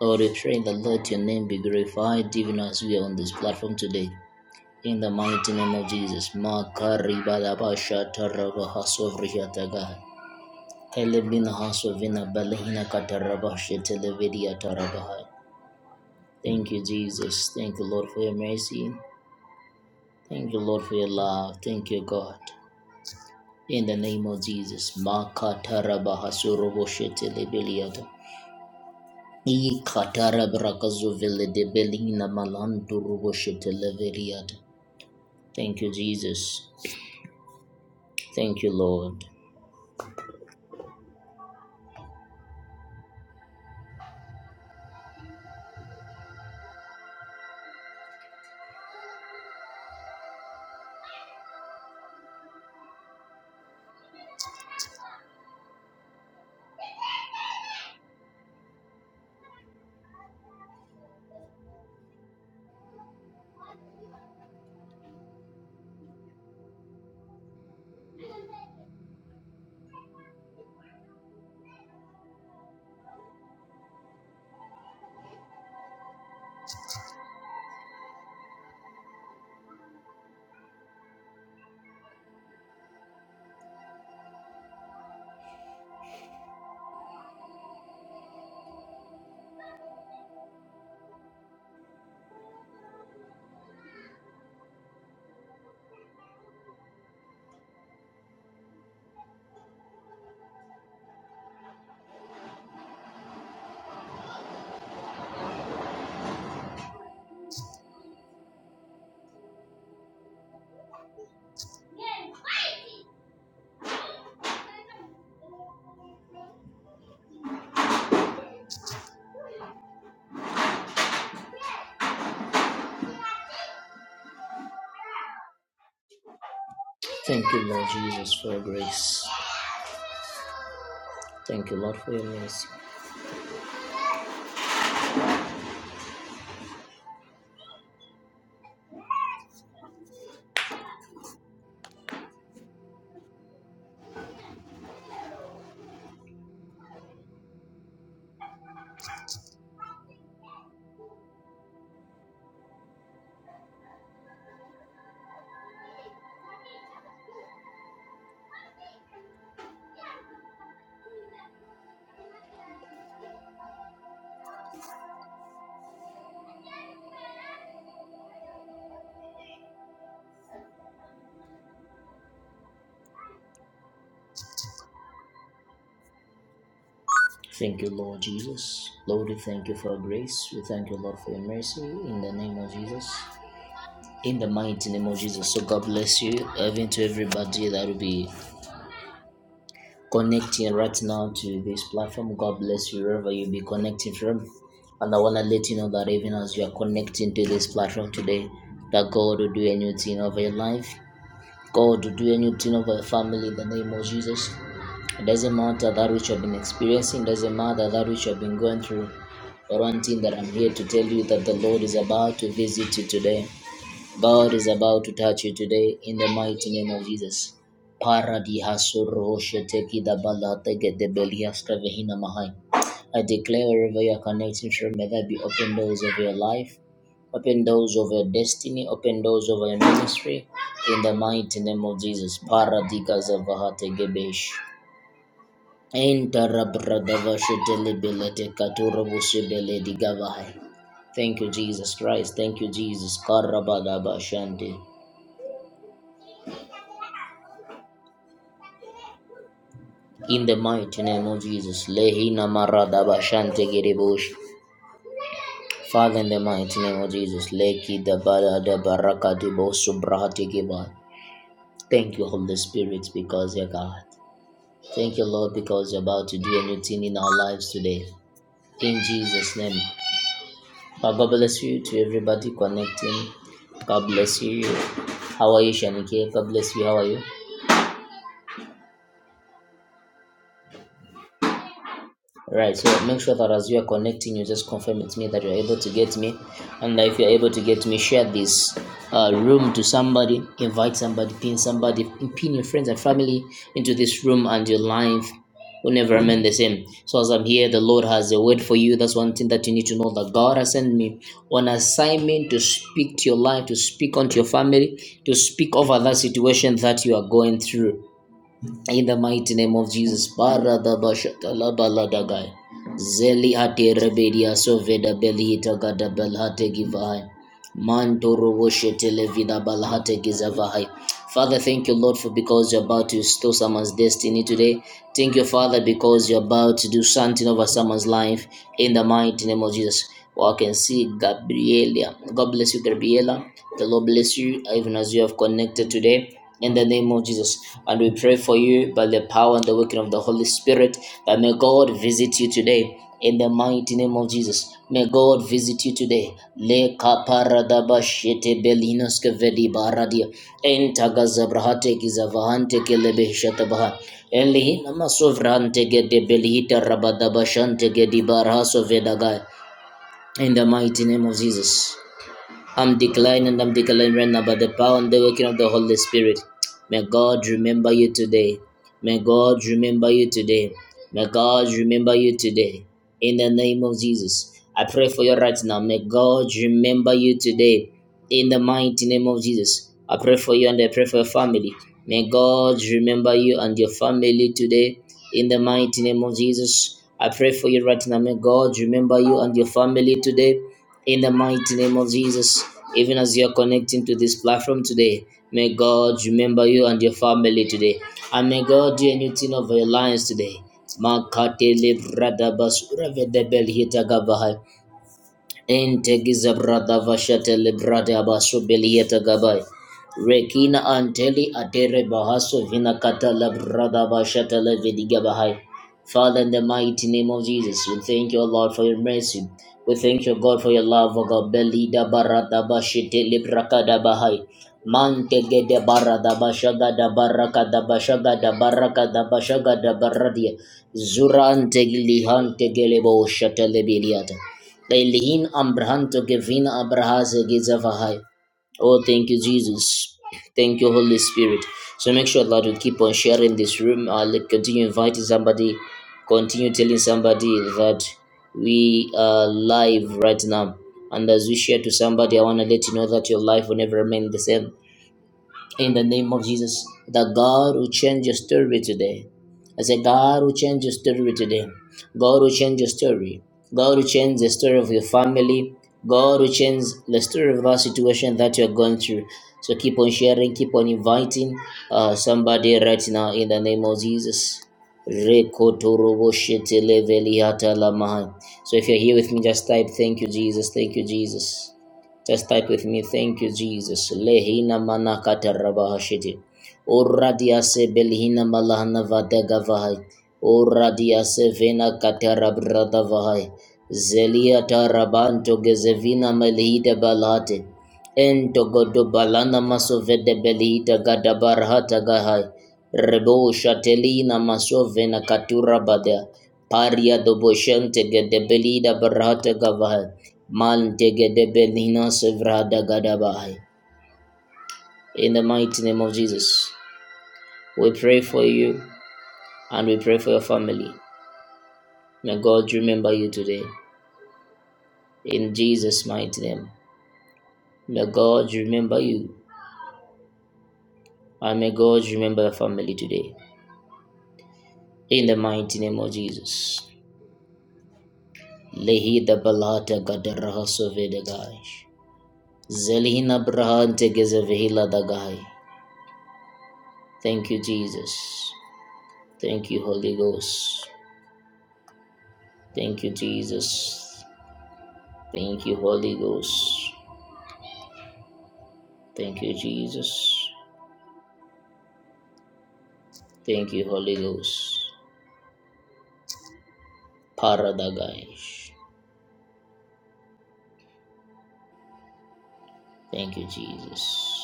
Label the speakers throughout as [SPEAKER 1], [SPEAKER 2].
[SPEAKER 1] Lord, we pray that let your name be glorified even as we are on this platform today. In the mighty name of Jesus. Makaribadabashatarabahasovriyatagai. Helebinahasovinabalehinakatarabashetelevediatarabai. Thank you, Jesus. Thank you, Lord, for your mercy. Thank you, Lord, for your love. Thank you, God. In the name of Jesus. Makatarabahasoroboshete I katara brakazo vele de belina malandu rubo shetele Thank you, Jesus. Thank you, Lord. Thank you, Lord Jesus, for your grace. Thank you, Lord, for your mercy. Thank you, Lord Jesus. Lord, we thank you for your grace. We thank you, Lord, for your mercy. In the name of Jesus. In the mighty name of Jesus. So God bless you. Even to everybody that will be connecting right now to this platform. God bless you wherever you be connecting from. And I want to let you know that even as you are connecting to this platform today, that God will do a new thing over your life. God will do a new thing over your family in the name of Jesus. It doesn't matter that which you have been experiencing, It doesn't matter that which you have been going through. But one thing that I'm here to tell you that the Lord is about to visit you today. God is about to touch you today in the mighty name of Jesus. Paradihasoroshitekidabaladegedebeliastravehina mahai. I declare wherever you are connecting from, may there be open doors of your life, open doors of your destiny, open doors of your ministry, in the mighty name of Jesus. Paradikazavahategebesh. Entarabradavashetelebeletekaturabusebeledigavahai. Thank you, Jesus Christ. Thank you, Jesus. Karabadabashante. In the mighty name of Jesus, Lehi Namara Dabashante Giribush. Father, in the mighty name of Jesus, Leki Dabada Dabaraka Dibosu Brahati Giba. Thank you, Holy Spirit, because you're God. Thank you, Lord, because you're about to do a new thing in our lives today. In Jesus' name. Uh, God bless you to everybody connecting. God bless you. How are you, Shanike? God bless you. How are you? Right, so make sure that as you are connecting, you just confirm with me that you're able to get me. And if you're able to get me, share this uh, room to somebody, invite somebody, pin somebody, pin your friends and family into this room, and your life will never remain the same. So, as I'm here, the Lord has a word for you. That's one thing that you need to know that God has sent me on assignment to speak to your life, to speak onto your family, to speak over that situation that you are going through. In the mighty name of Jesus, Baradabashakalabaladagai. Zeli ate rebedia soveda belita gada belhate givahai. Mantoro woshetele vida balhate gizavai. Father, thank you, Lord, for because you're about to restore someone's destiny today. Thank you, Father, because you're about to do something over someone's life in the mighty name of Jesus. Well, I can see Gabriela. God bless you, Gabriela. The Lord bless you, even as you have connected today in the name of Jesus. And we pray for you by the power and the working of the Holy Spirit that may God visit you today. In the mighty name of Jesus, may God visit you today. Le kaparadaba belinoske vedi baradia. Enta gizavahante kelebe Enlihina masovrante gede belihita rabadaba gedi barhaso vedagai. In the mighty name of Jesus. I'm declining. I'm declining right now by the power and the working of the Holy Spirit. May God remember you today. May God remember you today. May God remember you today. In the name of Jesus. I pray for you right now. May God remember you today. In the mighty name of Jesus. I pray for you and I pray for your family. May God remember you and your family today. In the mighty name of Jesus. I pray for you right now. May God remember you and your family today in the mighty name of Jesus, even as you are connecting to this platform today, may God remember you and your family today. And may God do a new thing over your lives today. Makatele bradabas revedebel hitagabahai. Integiza brada vashate librada abasu belieta gabai. Rekina anteli atere bahaso vina kata labrada vashate levidiga bahai. Father, in the mighty name of Jesus, we thank you, O Lord, for your mercy. We thank you, God, for your love, O God. Belida barada bashite librakada bahai. Mantege de barada bashaga da baraka da bashaga da baraka da bashaga da baradia. Zura antegili hantegele bo shatele biliata. Lailihin Ambrahanto Gevina Abrahaze Gizavahai. Oh, thank you, Jesus. Thank you, Holy Spirit. So make sure that you keep on sharing this room. I'll continue inviting somebody. Continue telling somebody that we are live right now. And as we share to somebody, I want to let you know that your life will never remain the same. In the name of Jesus, the God who changed your story today. I say, God who changed your story today. God who changed your story. God who changed the story of your family. God who changed the story of our situation that you're going through. So keep on sharing, keep on inviting uh, somebody right now in the name of Jesus. Rekotoroboshiteleveliatalamahai. So if you're here with me, just type, Thank you, Jesus. Thank you, Jesus. Just type with me, thank you, Jesus. Lehina manakata rabahashiti. Uradia se belhina malahana vadega vahai. Uradia se vena katara brada vahai. Zelia tarabanto gezevina melhida balate. Ento godo balana maso vede belhida gadabarhata gahai. Rebo shatelina maso vena katura badea. Paria doboshente gede belida barhata gavahai. In the mighty name of Jesus, we pray for you and we pray for your family. May God remember you today. In Jesus' mighty name, may God remember you and may God remember your family today. In the mighty name of Jesus. Lehida Balata Gadarahasovedigash. Zelihina Brahante Gezevehila Dagai. Thank you, Jesus. Thank you, Holy Ghost. Thank you, Jesus. Thank you, Holy Ghost. Thank you, Jesus. Thank you, Holy Ghost. Paradagaish. Thank you, Jesus.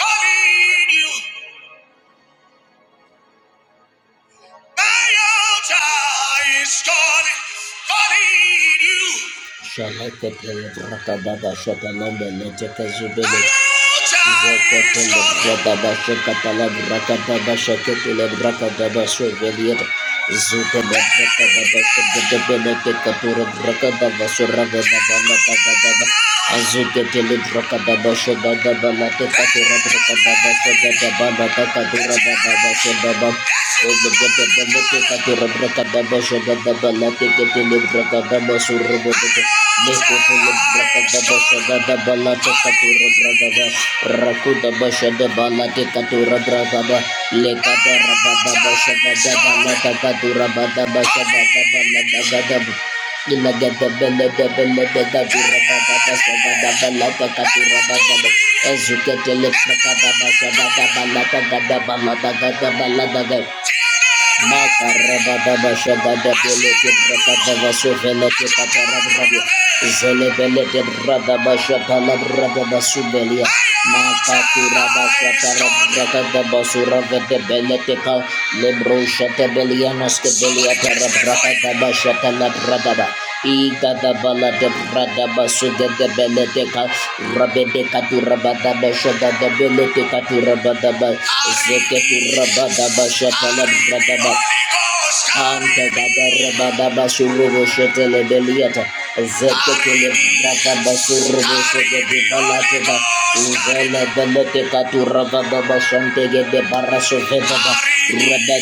[SPEAKER 1] calling you. My altar is calling, calling you. Shalaka pele braka braka baba shaka baba la teka tura braka baba shaka baba la teka tura baba baba baba. Lekada Ezuketele prakada basa gada balata gada balata gada balata gada Lebro shata belianos ke belia para braka daba shata la bradaba. Igadabalade Bradabasuda de brada basuda de Beleteka Rabede Katurabada Bashada de Belete Katurabadaba Zeketu Rabada Bashatala Bradaba Anta Gadarabada Basuru Shetelebeliata Zeketele brata basurbo sekete balate ba uzele belete katu raga basante gede baraso veda ba raga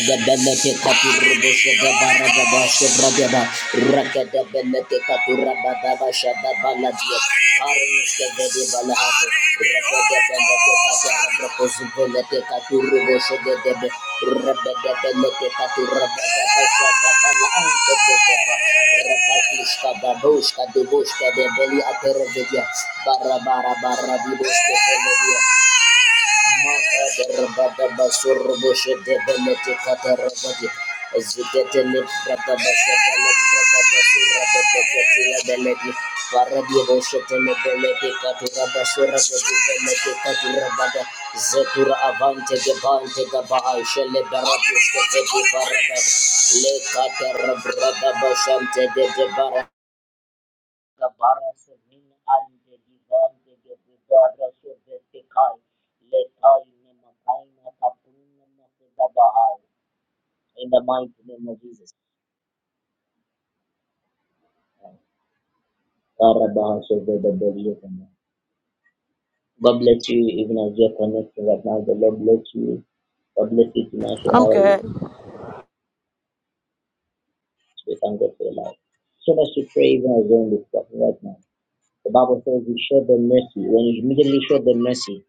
[SPEAKER 1] katu rbo sege baraga ba sebrada katu raga da basada baladia Barra barra barra di bosque Zetura avante gevante gabai shele barabuske zedi barada le kater brada bashante de de bara in the mighty name of Jesus. Karabaha God bless you, even as you're connecting right now. The Lord bless you. God bless you, Tinashe.
[SPEAKER 2] I'm
[SPEAKER 1] How are you?
[SPEAKER 2] good.
[SPEAKER 1] We thank God for your life. So much to pray even as you're in this platform right now. The Bible says we show them mercy. When you immediately show them mercy,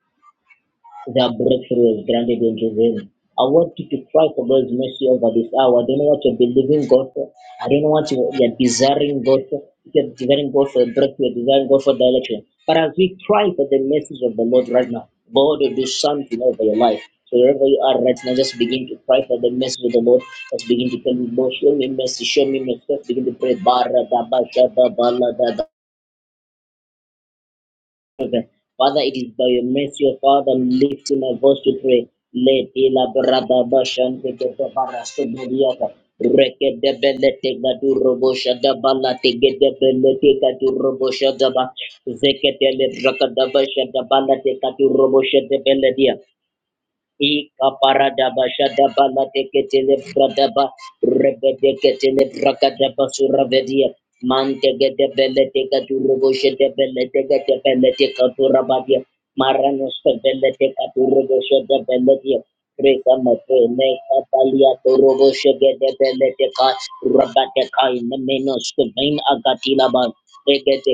[SPEAKER 1] Their breakthrough is granted unto them. I want you to cry for God's mercy over this hour. I don't know what you're believing God for. I don't know what you- you're desiring God for. If You're desiring God for a breakthrough, you're desiring God for direction. But as we cry for the message of the Lord right now, God will do something over your life. So wherever you are right now, just begin to cry for the message of the Lord. Just begin to tell him, Lord, show me mercy, show me mercy. Just begin to pray. Bara da ba sha da ba la da da. Father, it is by your mercy, O Father, I'm lifting my voice to pray. Let ila brada bashan de de de barasto beliata. Reke de bele te gadu robosha da bala te ge de bele te gadu robosha da ba. Zeke de le braka da basha da bala te gadu robosha de bele dia. Ikaparadaba shadaba lateketele bradaba rebedeketele brakadaba suravedia mantegedebeletika turugoshedebeletekatebeletika turabadia maranosebeletika turugoshodebeledia Rika mapene kapalia torobo shegede belete ka rabate kai nemeno skavain agatila ba regete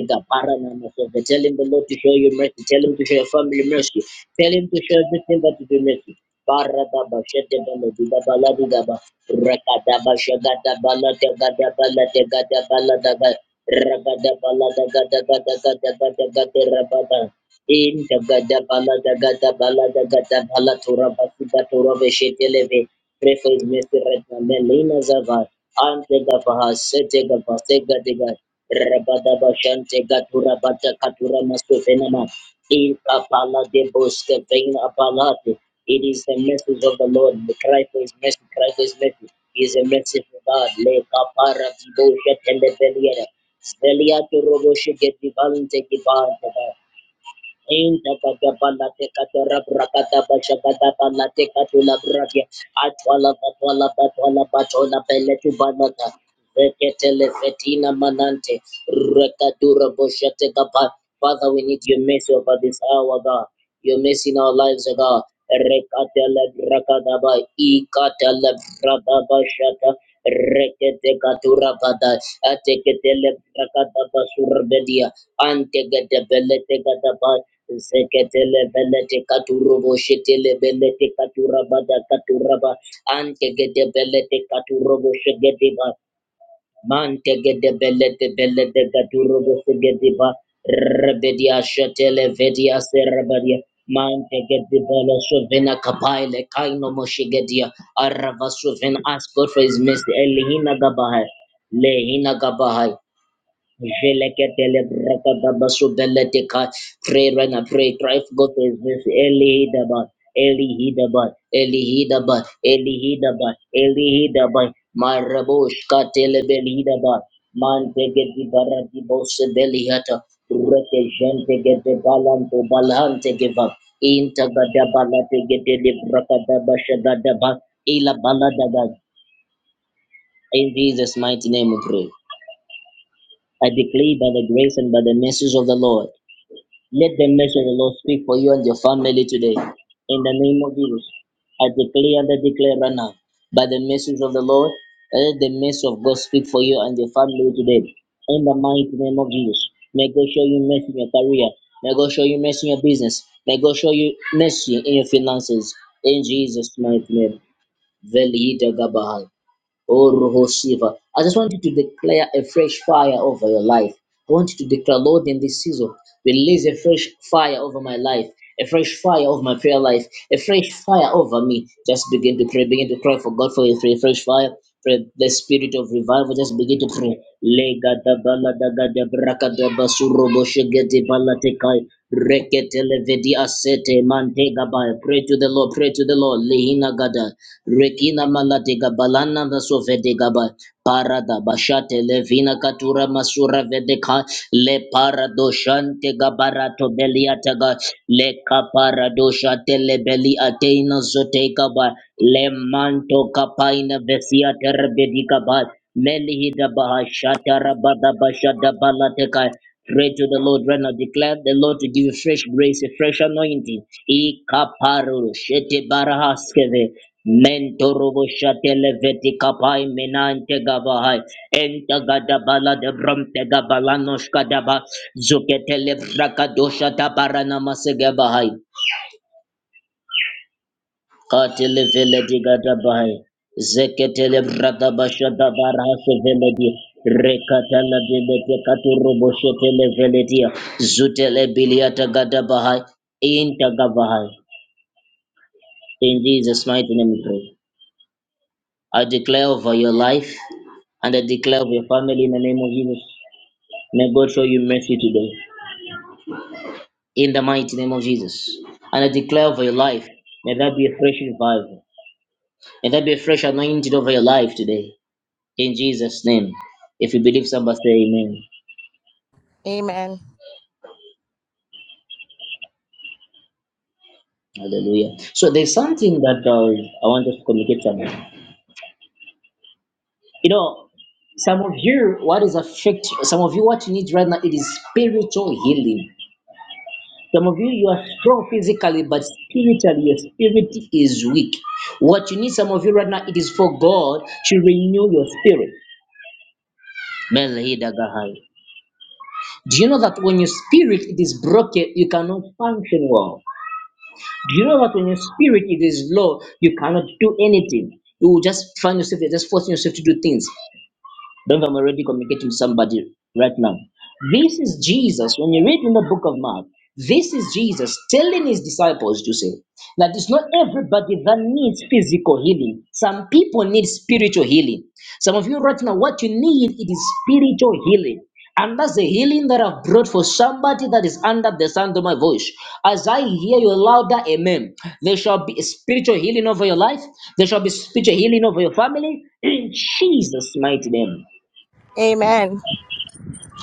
[SPEAKER 1] Tell him the Lord to show you mercy. Tell him to show your family mercy. Tell him to show everything that you do mercy. Barada ba shete bele dida bala dida ba rekada ba shegada bala tegada bala tegada bala daga. Rabada In the gada bala da gada bala da gada bala tura basi da tura veshe televe. Pray for his mercy right now. Melina Zava. Ante gavaha sete gava sega dega. Rabada bashante gatura bata katura mastufenama. In kapala de boske veina apalate. It is the message of the Lord. The cry for his mercy, cry for his mercy. He is a merciful God. Le kapara di boshe tele Zvelia to robo shigeti bante kibante ba. Fetina manante rekadura boshete kapa. Father, we need your mercy over this hour, God. Your mercy in our lives, oh God. Rekatele brakadaba ikatele brakadaba shata rekete katura bada ateketele brakadaba surbedia antegete belete Zeketele belete katurobo shetele belete katuraba da katuraba ante gede belete katurobo shegediba mante gede belete belete katurobo shegediba rebedia shetele vedia serabadia mante gede bela shovena kapaile kaino moshigedia arava shoven ask God for his mercy elihina gabahai lehina gabahai Veleketele brakadabasu veleteka. Pray right now, pray. Try to go to his verse. Eli Hidabat, Eli Hidabat, Eli Hidabat, Eli Hidabat, Eli Hidabat. Marabush katele beli Hidabat. Man tege di barati bose beli hata. Reke jente gete balanto balante geva. Inta gada balate gete li brakadabasha gadaba. Ila baladaga. In Jesus' mighty name we pray. I declare by the grace and by the mercies of the Lord, let the mercy of the Lord speak for you and your family today. In the name of Jesus, I declare and I declare right now, by the mercies of the Lord, let the mercy of God speak for you and your family today. In the mighty name of Jesus, may God show you mercy in your career. May God show you mercy in your business. May God show you mercy in your finances. In Jesus' mighty name. Veli Gabahai. Oh, Roho Shiva. I just want you to declare a fresh fire over your life. I want you to declare, Lord, in this season, release a fresh fire over my life, a fresh fire over my prayer life, a fresh fire over me. Just begin to pray, begin to cry for God for a free- fresh fire. Pray the spirit of revival. Just begin to pray. Lega da bala da ga da braka da basuro boshe gete bala tekai televedi sete mantega ba. Pray to the Lord, pray to the Lord. Lehina gada. Rekina malatega balana vasovede ba. Parada bashate levina katura masura vedeka le paradoshante gabarato beliataga le kaparadosha telebeli ateina zoteka ba le manto kapaina vesia terbedika ba meli hida bahashata rabada bashada balateka Pray to the Lord right now. Declare the Lord to give you fresh grace, a fresh anointing. Ikaparu shete barahaskeve. Mentorobo shatele veti kapai menante gabahai. Enta gadabala de bromte gabalanoshka daba. Zuketele brakadosha tabarana masegabahai. Katele vele digada bahai. Zeketele brada basha da barha sevele di. Rekatala bele te katuru boshe tele vele dia. Zutele biliata gada bahai. Inta Bahai. In Jesus' mighty name we pray. I declare over your life and I declare over your family in the name of Jesus. May God show you mercy today. In the mighty name of Jesus. And I declare over your life. May that be a fresh revival. May that be a fresh anointing over your life today. in Jesus' name. If you believe, somebody say amen.
[SPEAKER 2] Amen.
[SPEAKER 1] Hallelujah. So there's something that uh, I want us to communicate from. You know, some of you, what is affect some of you what you need right now, it is spiritual healing. Some of you, you are strong physically, but spiritually, your spirit is weak. What you need, some of you right now, it is for God to renew your spirit. Melhida Gahai. Do you know that when your spirit it is broken, you cannot function well? Do you know that when your spirit it is low, you cannot do anything? You will just find yourself there, just forcing yourself to do things. Don't I'm already communicating with somebody right now. This is Jesus. When you read in the book of Mark, this is Jesus telling his disciples to say that it's not everybody that needs physical healing. Some people need spiritual healing. Some of you right now, what you need it is spiritual healing. And that's the healing that I've brought for somebody that is under the sound of my voice. As I hear you louder amen, there shall be a spiritual healing over your life. There shall be spiritual healing over your family. In Jesus' mighty name.
[SPEAKER 2] Amen.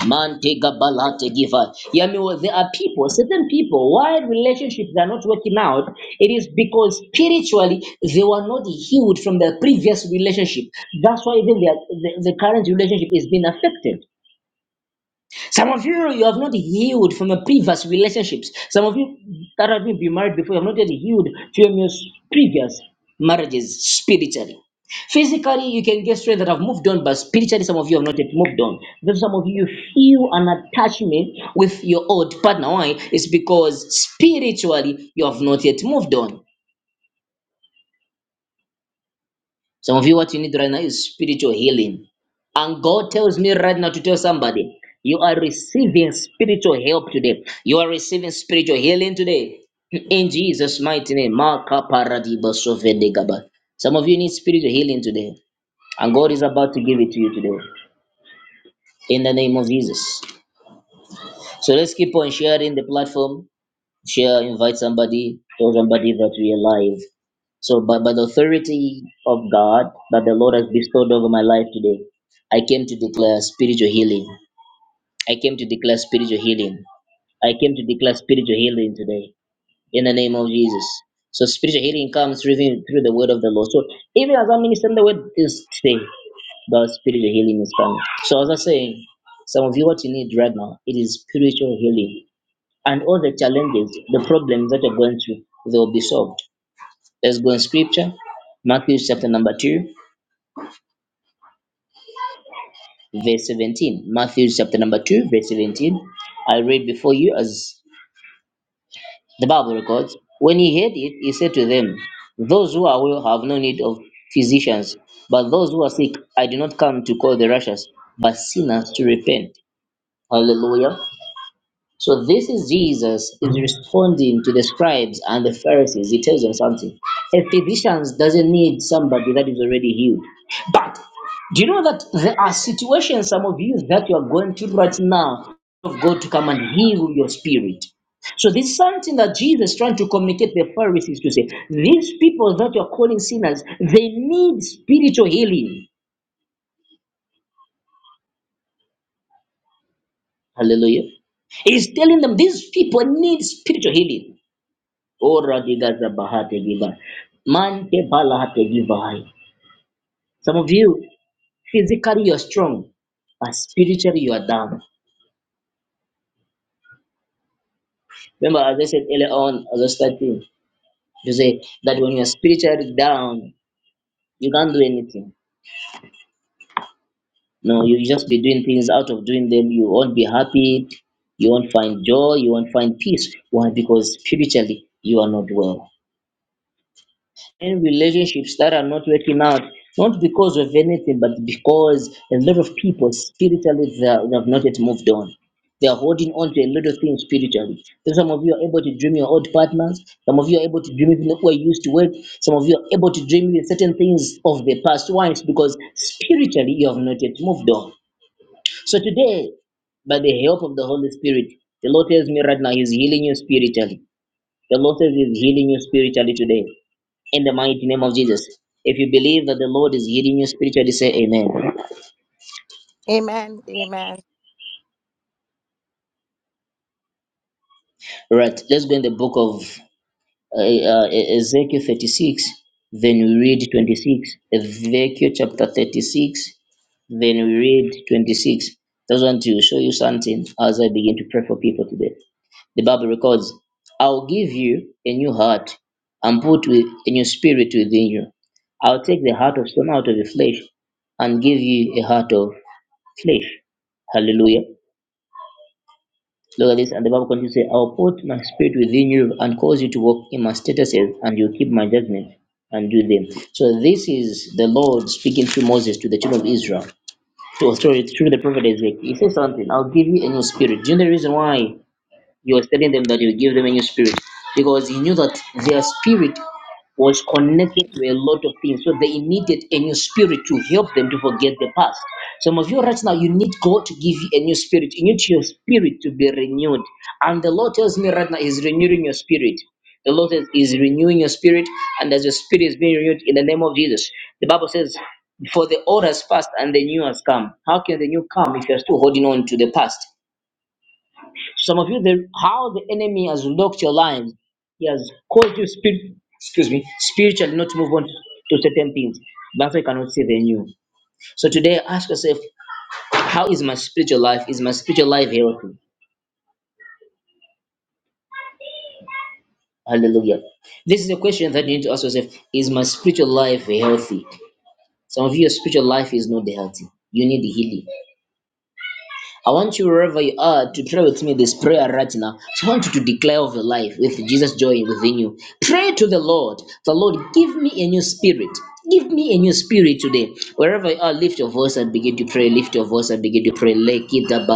[SPEAKER 1] Mantega balate giver. Yeah, I mean, well, there are people, certain people, why relationships are not working out, it is because spiritually they were not healed from their previous relationship. That's why even their, the, the current relationship is being affected. Some of you, you have not healed from your previous relationships. Some of you that have been married before, you have not yet healed from your previous marriages spiritually. Physically, you can get strength that have moved on, but spiritually, some of you have not yet moved on. Because some of you feel an attachment with your old partner. Why? It's because spiritually, you have not yet moved on. Some of you, what you need right now is spiritual healing. And God tells me right now to tell somebody, you are receiving spiritual help today. You are receiving spiritual healing today. In Jesus' mighty name. Maka paradiba sovedegaba. Some of you need spiritual healing today. And God is about to give it to you today. In the name of Jesus. So let's keep on sharing the platform. Share, invite somebody, tell somebody that we are live. So, by, by the authority of God that the Lord has bestowed over my life today, I came to declare spiritual healing. I came to declare spiritual healing. I came to declare spiritual healing today in the name of Jesus. So, spiritual healing comes through, the- through the word of the Lord. So, even as I'm ministering the word is today, the spiritual healing is coming. So, as I say, some of you, what you need right now, it is spiritual healing. And all the challenges, the problems that you're going through, they will be solved Let's go in scripture. Matthew chapter number 2, verse 17. Matthew chapter number 2, verse 17. I read before you as the Bible records. When he heard it, he said to them, Those who are well have no need of physicians, but those who are sick, I did not come to call the righteous, but sinners to repent. Hallelujah. So this is Jesus is responding to the scribes and the Pharisees. He tells them something. A physician doesn't need somebody that is already healed. But do you know that there are situations, some of you that you are going through right now, of God to come and heal your spirit. So this is something that Jesus is trying to communicate to the Pharisees to say, these people that you're calling sinners, they need spiritual healing. Hallelujah. He's telling them these people need spiritual healing. Ora digazabahate giva. Mante balahate givai. Some of you, physically you're strong, but spiritually you are down. Remember, as I said earlier on, as I started to say that when you're spiritually down, you can't do anything. No, you just be doing things out of doing them. You won't be happy. You won't find joy. You won't find peace. Why? Because spiritually you are not well. in relationships that are not working out, not because of anything, but because a lot of people spiritually they, are- they have not yet moved on. They are holding on to a lot of things spiritually. So some of you are able to dream your old partners. Some of you are able to dream even who are used to work. Some of you are able to dream even certain things of the past. Why? It's because spiritually you have not yet moved on. So today, by the help of the Holy Spirit, the Lord tells me right now He's healing you spiritually. The Lord says He's healing you spiritually today in the mighty name of Jesus. If you believe that the Lord is healing you spiritually, say amen.
[SPEAKER 2] Amen. Amen.
[SPEAKER 1] Right, let's go in the book of uh, uh, E-, Ezekiel 36, then we read 26. Ezekiel chapter 36, then we read 26. Just want to show you something as I begin to pray for people today. The Bible records, I'll give you a new heart and put with, a new spirit within you. I'll take the heart of stone out of the flesh and give you a heart of flesh. Hallelujah. Look at this. And the Bible continues to say, I will put my spirit within you and cause you to walk in my statutes, and you keep my judgment and do them. So this is the Lord speaking through Moses to the children of Israel. To sorry, through the prophet Ezekiel. He says something, I'll give you a new spirit. Do you know the reason why he was telling them that he would give them a new spirit because he knew that their spirit was connected to a lot of things. So they needed a new spirit to help them to forget the past. Some of you right now, you need God to give you a new spirit. You need your spirit to be renewed. And the Lord tells me right now, He's renewing your spirit. The Lord is, is renewing your spirit, and as your spirit is being renewed in the name of Jesus, the Bible says, For the old has passed and the new has come. How can the new come if you're still holding on to the past? Some of you, the, how the enemy has locked your lives, he has caused you spirit, excuse me, spiritually not to move on to certain things. That's why you cannot see the new. So today, ask yourself, how is my spiritual life? Is my spiritual life healthy? Hallelujah. This is a question that you need to ask yourself: Is my spiritual life healthy? Some of your spiritual life is not healthy. You need healing. I want you wherever you are to pray with me this prayer right now. So I want you to declare of your life with Jesus' joy within you. Pray to the Lord. The Lord, give me a new spirit. Give me a new spirit today. Wherever you are, lift your voice and begin to pray. Lift your voice and begin to pray.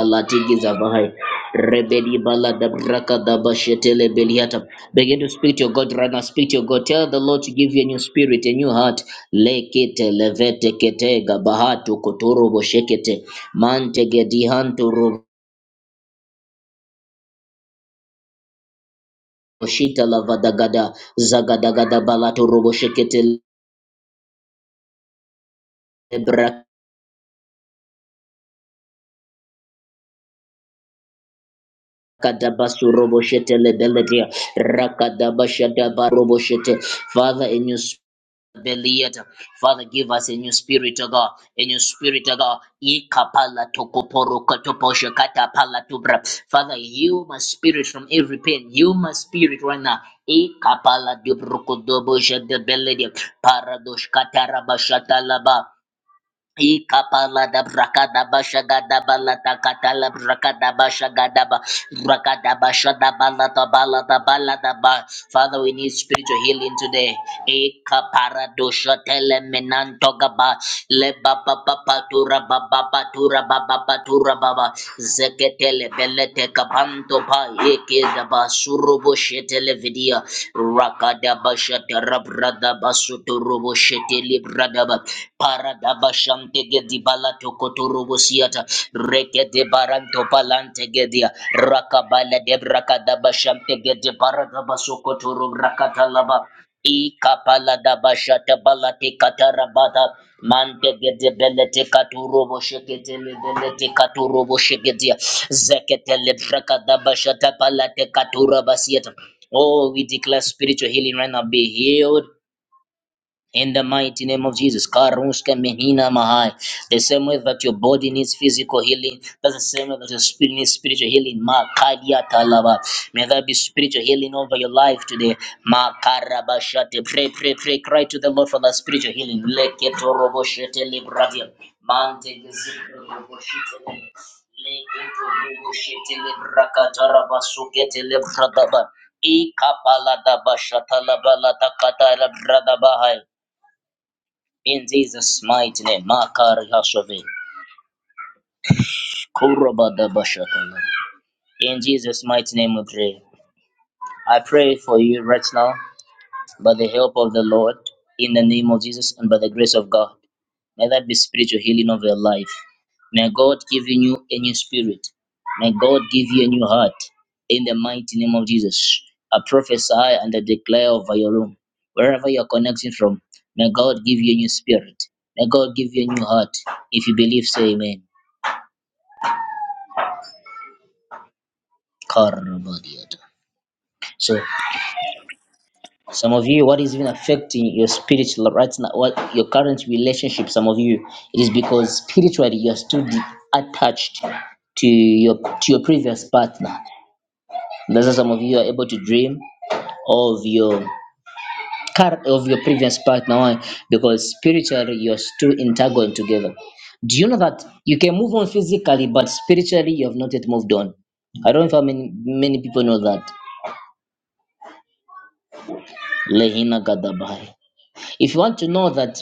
[SPEAKER 1] Latingi Zavahai. Rebedi bala da braka da bashetele beliata. Begin to speak to your God right now. Speak to your God. Tell the Lord to give you a new spirit, a new heart. Lekete levete kete gabahatu kotoro boshekete. Mantege dihantu roboshita lavadagada. Zagadagada balatu roboshekete lebraka. Kadabasuroboshete lebeletia. Rakadabashadabaroboshete. Father, in your spirit. Beliata. Father, give us a new spirit, O God, a new spirit, O God. Ikapala tokoporo kotoposho katapala tubra. Father, heal my spirit from every pain. Heal my spirit right now. Ikapala dubruko dobosha de beledia. Paradosh katarabashatalaba. Ikapala da brakada basha gada bala da katala brakada basha gada ba brakada basha da bala da bala da bala da ba. Father, we need spiritual healing today. Ikapara dosha tele menanto gaba le ba ba ba ba tura ba ba ba tura ba ba ba tura ba ba zeketele kapanto pa yeke daba surobo shetele vidia rakadaba shatara brada basutorobo shetele bradaba paradaba shantege dibala tokotorobo siata reke de baranto palante gedia rakabala de brakadaba shantege de paradaba sokotoro brakatalaba Ikapalada bashata balate katarabada mante gede belete katuro boshekete lebelete katuro boshekete zekete lebraka bashata balate katura basieta. Oh, we declare spiritual healing right now. Be healed in the mighty name of Jesus, Karushka Menina Mahai. The same way that your body needs physical healing, that's the same way that your spirit needs spiritual healing. Makadia Talaba. May there be spiritual healing over your life today. Makarabashate. Pray, pray, pray. Cry to the Lord for that spiritual healing. Leketoroboshete Libradia. Mante Gezikoroboshete. Leketoroboshete Librakatarabasoket Libradaba. Ikapalada bashatala balada katara brada bahai. In Jesus' mighty name, Makari Hashove, Kurabada Bashatala. In Jesus' mighty name we pray. I pray for you right now by the help of the Lord, in the name of Jesus, and by the grace of God. May that be spiritual healing of your life. May God give you a new spirit. May God give you a new heart. In the mighty name of Jesus, I prophesy and I declare over your room, wherever you're connecting from, may God give you a new spirit. May God give you a new heart. If you believe, say amen. Karabadiata. So some of you, what is even affecting your spiritual right now, what your current relationship, some of you, it is because spiritually you're still de- attached to your to your previous partner. That's why some of you are able to dream of your car of your previous partner. Why? Because spiritually you're still entangled together. Do you know that you can move on physically, but spiritually you have not yet moved on? I don't know if how many many people know that. Lehina Gadabai. If you want to know that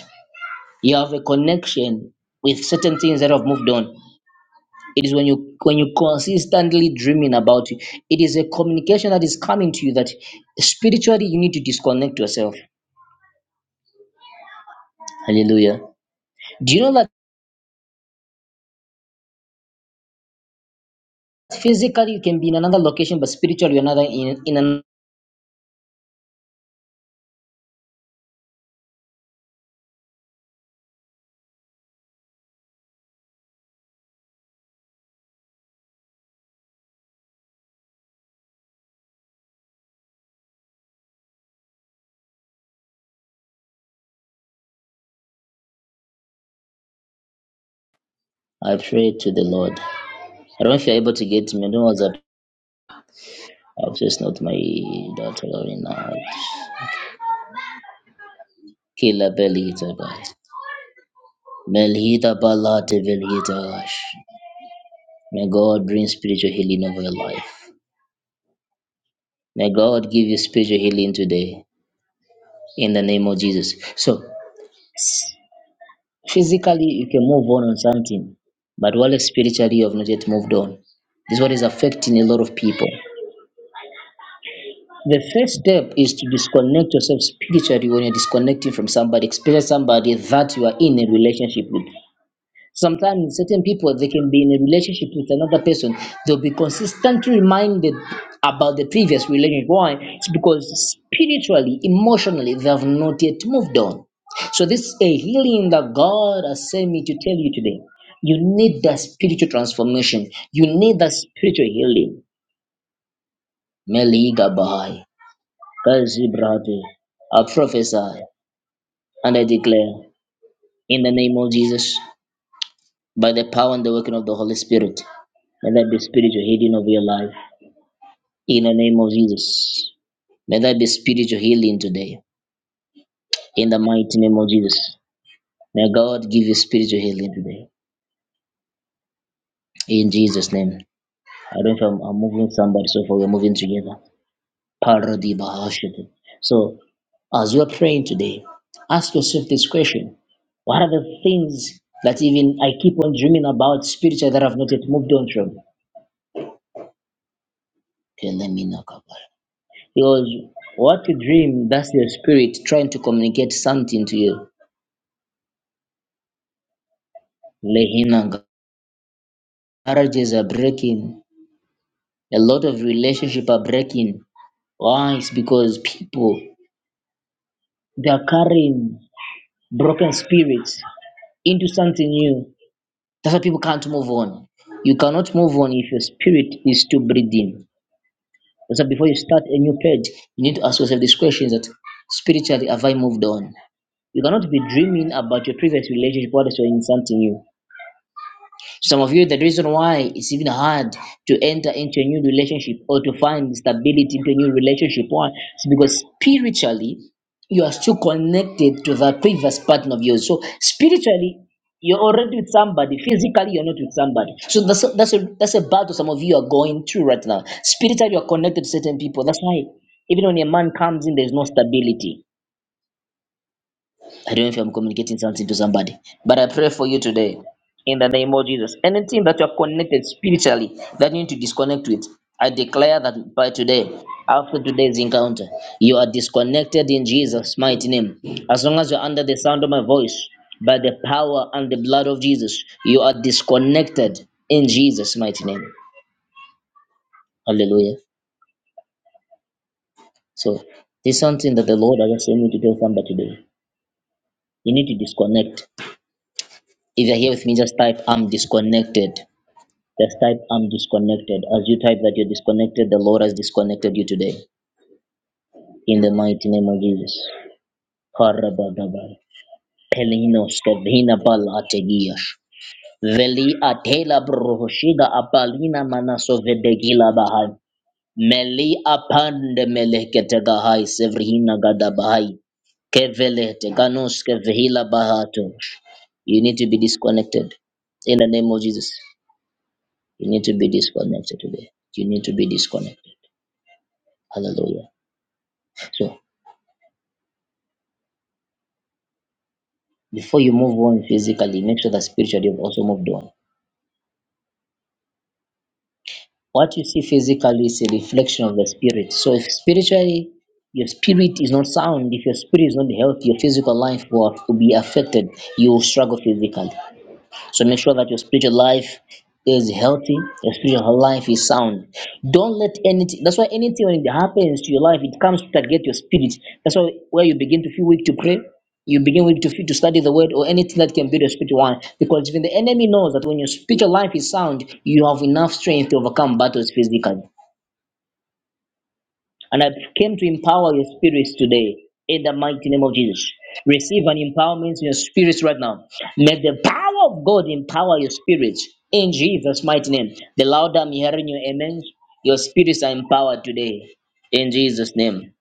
[SPEAKER 1] you have a connection with certain things that have moved on, it is when you when you consistently dreaming about it. It is a communication that is coming to you that spiritually you need to disconnect yourself. Hallelujah. Do you know that physically you can be in another location, but spiritually you're another in in another. I pray to the Lord. I don't know if you're able to get me. I don't know what's up. I've just not my daughter in now. Kila belita ba. Melhita balate velhita. May God bring spiritual healing over your life. May God give you spiritual healing today in the name of Jesus. So, physically, you can move on on something, but while spiritually, you have not yet moved on. This is what is affecting a lot of people. The first step is to disconnect yourself spiritually when you're disconnecting from somebody, especially somebody that you are in a relationship with. sometimes certain people they can be in a relationship with another person they'll be consistently reminded about the previous relationship why it's because spiritually emotionally they have not yet moved on so this is a healing that god has sent me to tell you today you need that spiritual transformation you need that spiritual healing meligabai kazibrate i prophesy and i declare in the name of jesus by the power and the working of the Holy Spirit. May that be spiritual healing of your life. In the name of Jesus. May that be spiritual healing today. In the mighty name of Jesus. May God give you spiritual healing today. In Jesus' name. I don't know if I'm, I'm moving somebody, so far we're moving together. Parodi bahashite. So, as you're praying today, ask yourself this question What are the things that even I keep on dreaming about spiritually that I've not yet moved on from? Kelemina kabaya. Because what you dream, that's your spirit trying to communicate something to you. Lehinanga. Marriages are breaking. A lot of relationships are breaking. Why? It's because people they are carrying broken spirits into something new. That's why people can't move on. You cannot move on if your spirit is still breathing. That's why before you start a new page, you need to ask yourself these questions that spiritually have I moved on? You cannot be dreaming about your previous relationship while you're in something new Some of you, the reason why it's even hard to enter into a new relationship or to find stability into a new relationship, why? It's because spiritually you are still connected to the previous partner of yours. So spiritually you're already with somebody. Physically you're not with somebody. So that's a, that's a that's a battle some of you are going through right now. Spiritually you're connected to certain people. That's why even when a man comes in, there's no stability. I don't know if I'm communicating something to somebody, but I pray for you today in the name of Jesus. Anything that you are connected spiritually that you need to disconnect with, I declare that by today, after today's encounter, you are disconnected in Jesus' mighty name. As long as you're under the sound of my voice, by the power and the blood of Jesus, you are disconnected in Jesus' mighty name. Hallelujah. So, this is something that the Lord has asked me to tell somebody today. You need to disconnect. If you're here with me, just type, I'm disconnected. Just type I'm disconnected. As you type that you're disconnected, the Lord has disconnected you today. In the mighty name of Jesus. Karabadabar. Pelinos kevina bal ategiash. Veli atela brohoshida apalina manaso vedegila bahai. Meli apande melekete gahai sevrihina gada bahai. Kevelete kanus kevhila bahatosh. You need to be disconnected. In the name of Jesus, you need to be disconnected today. You need to be disconnected. Hallelujah. So before you move on physically, make sure that spiritually you've also moved on. What you see physically is a reflection of the spirit. So if spiritually your spirit is not sound, if your spirit is not healthy, your physical life will, will be affected. You will struggle physically. So make sure that your spiritual life is healthy, your spiritual life is sound. Don't let anything that's why anything when it happens to your life, it comes to target your spirit. That's why where you begin to feel weak to pray, you begin weak to feel to study the word or anything that can build your spiritual one. Because even the enemy knows that when your spiritual life is sound, you have enough strength to overcome battles physically. And I came to empower your spirits today in the mighty name of Jesus. Receive an empowerment in your spirits right now. May the power of God empower your spirits in Jesus' mighty name. The louder I'm hearing your amen, your spirits are empowered today in Jesus' name.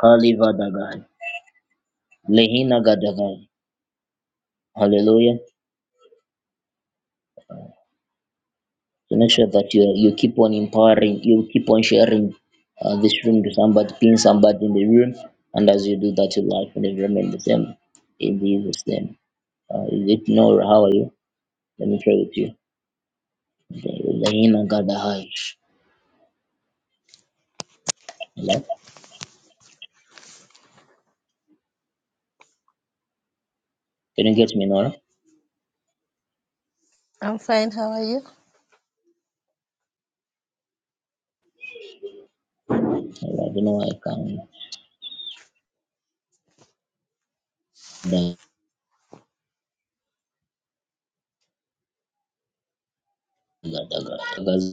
[SPEAKER 1] Kalivadagai. Lehina Gadagai. Hallelujah. So make sure that you you keep on empowering, you keep on sharing uh, this room to somebody, pin somebody in the room, and as you do that, your life will remain the same. In Jesus' name. Uh, is it Nora? How are you? Let me pray with you. Zaina Gada Haish. Hello? Can you get me, Nora?
[SPEAKER 3] I'm fine. How are you?
[SPEAKER 1] Hello, I don't know why I can't. Da- da- da- da- da-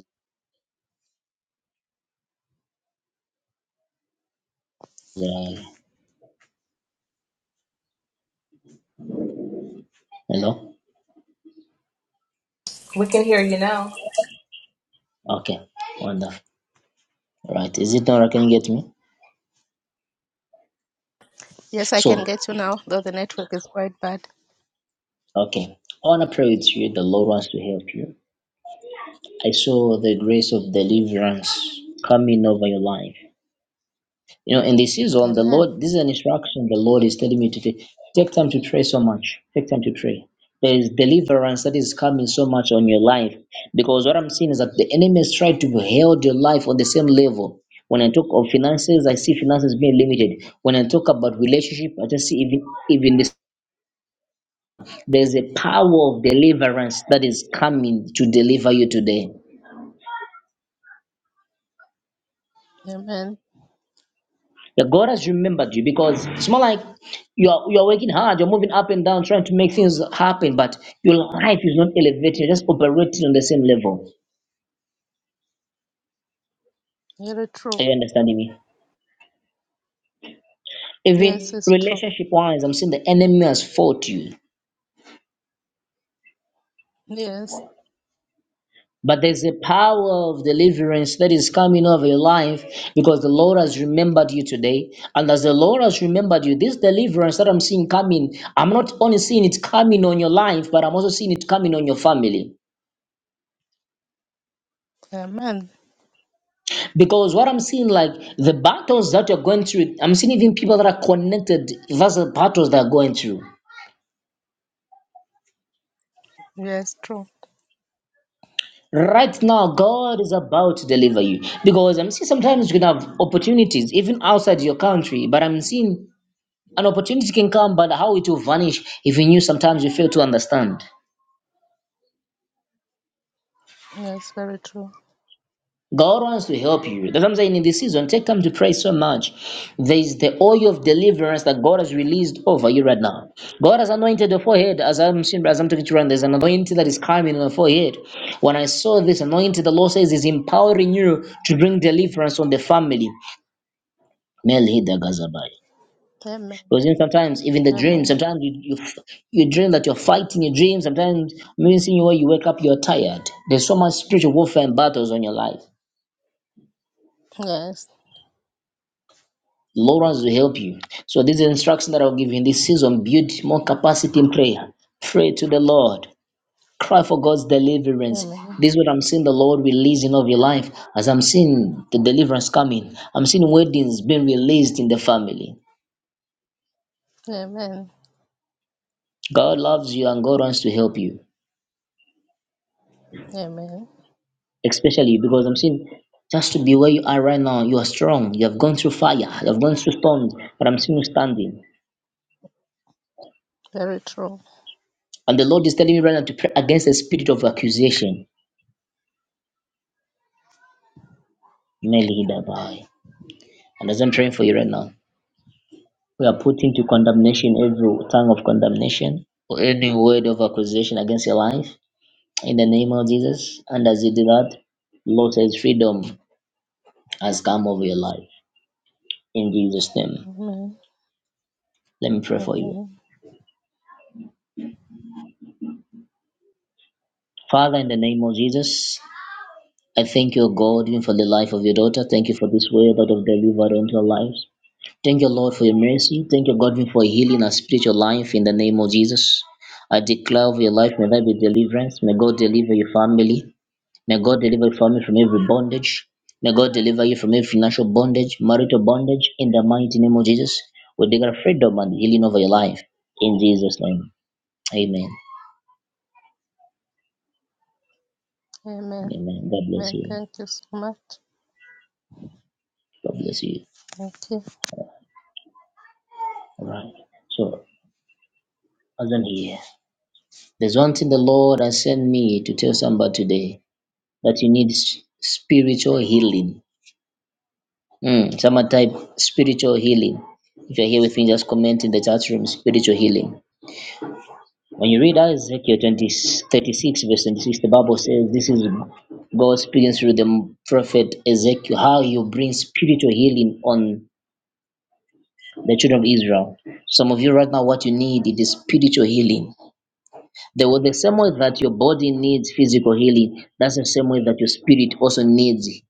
[SPEAKER 1] da- Hello?
[SPEAKER 2] We can hear you now.
[SPEAKER 1] Okay. Wonderful. Right. Is it Nora? Can you get me?
[SPEAKER 3] Yes, I
[SPEAKER 1] So,
[SPEAKER 3] can get you now, though the network is quite bad.
[SPEAKER 1] okay. I want to pray with you. The Lord wants to help you. I saw the grace of deliverance coming over your life. You know, in this season, the
[SPEAKER 3] Amen.
[SPEAKER 1] Lord, this is an instruction the Lord is telling me to take. Take time to pray so much. Take time to pray. There is deliverance that is coming so much on your life. Because what I'm seeing is that the enemy has tried to hold your life on the same level. When I talk of finances, I see finances being limited. When I talk about relationship, I just see even even this. There's a power of deliverance that is coming to deliver you today.
[SPEAKER 3] Amen.
[SPEAKER 1] Yeah, God has remembered you because it's more like you're you're working hard, you're moving up and down, trying to make things happen, but your life is not elevated, you're just operating on the same level.
[SPEAKER 3] Very true.
[SPEAKER 1] Are you understanding me?
[SPEAKER 3] Yes,
[SPEAKER 1] Even
[SPEAKER 3] it's true.
[SPEAKER 1] relationship wise, I'm saying the enemy has fought you.
[SPEAKER 3] Yes.
[SPEAKER 1] But there's a power of deliverance that is coming over your life because the Lord has remembered you today. And as the Lord has remembered you, this deliverance that I'm seeing coming, I'm not only seeing it coming on your life, but I'm also seeing it coming on your family.
[SPEAKER 3] Amen.
[SPEAKER 1] Because what I'm seeing, like the battles that you're going through, I'm seeing even people that are connected versus battles that are going through.
[SPEAKER 3] Yes, true.
[SPEAKER 1] Right now, God is about to deliver you. Because I'm seeing sometimes you can have opportunities even outside your country, but I'm seeing an opportunity can come, but how it will vanish if you knew sometimes you fail to understand.
[SPEAKER 3] Yes, very true.
[SPEAKER 1] God wants to help you. That's what I'm saying in this season. Take time to pray so much. There is the oil of deliverance that God has released over you right now. God has anointed the forehead. As I'm seeing, as I'm talking to you, right there's an anointing that is coming on the forehead. When I saw this anointing, the Lord says is empowering you to bring deliverance on the family. Melhida Gazabai.
[SPEAKER 3] Amen.
[SPEAKER 1] Because you know, sometimes even the dreams,
[SPEAKER 3] Amen.
[SPEAKER 1] sometimes you, you you dream that you're fighting your dreams, sometimes meaning when you wake up, you're tired. There's so much spiritual warfare and battles on your life.
[SPEAKER 3] Yes.
[SPEAKER 1] Lawrence will help you. So this is the instruction that I'll give you in this season. Build more capacity in prayer. Pray to the Lord. Cry for God's deliverance.
[SPEAKER 3] Amen.
[SPEAKER 1] This is what I'm seeing the Lord releasing of your life as I'm seeing the deliverance coming. I'm seeing weddings being released in the family.
[SPEAKER 3] Amen.
[SPEAKER 1] God loves you and God wants to help you,
[SPEAKER 3] Amen.
[SPEAKER 1] especially because I'm seeing just to be where you are right now. You are strong. You have gone through fire. You have gone through storms, but I'm seeing you standing.
[SPEAKER 3] Very true.
[SPEAKER 1] And the Lord is telling me right now to pray against the spirit of accusation. Melida Bai. And as I'm praying for you right now, we are putting to condemnation every tongue of condemnation or any word of accusation against your life in the name of Jesus. And as you do that, Lord says freedom has come over your life in Jesus' name.
[SPEAKER 3] Amen.
[SPEAKER 1] Let me pray for you.
[SPEAKER 3] Amen.
[SPEAKER 1] Father, in the name of Jesus, I thank you, God, even for the life of your daughter. Thank you for this word that of delivered into her life. Thank you, Lord, for your mercy. Thank you, God, for healing our spiritual life in the name of Jesus. I declare over your life, may there be deliverance. May God deliver your family. May God deliver your family from every bondage. May God deliver you from every financial bondage, marital bondage, in the mighty name of Jesus. We declare freedom and healing over your life. In Jesus' name. Amen.
[SPEAKER 3] Amen.
[SPEAKER 1] Amen. God bless
[SPEAKER 3] Amen.
[SPEAKER 1] you.
[SPEAKER 3] Thank you so much.
[SPEAKER 1] God bless you.
[SPEAKER 3] Thank you.
[SPEAKER 1] All right. So, I do here, There's one thing the Lord has sent me to tell somebody today. that you need s- spiritual healing. Mm, someone type spiritual healing. If you're here with me, just comment in the chat room spiritual healing. When you read Ezekiel 20 36 verse 26, the Bible says this is God speaking through the prophet Ezekiel, how you bring spiritual healing on the children of Israel. Some of you right now, what you need it is spiritual healing. The, the same way that your body needs physical healing, that's the same way that your spirit also needs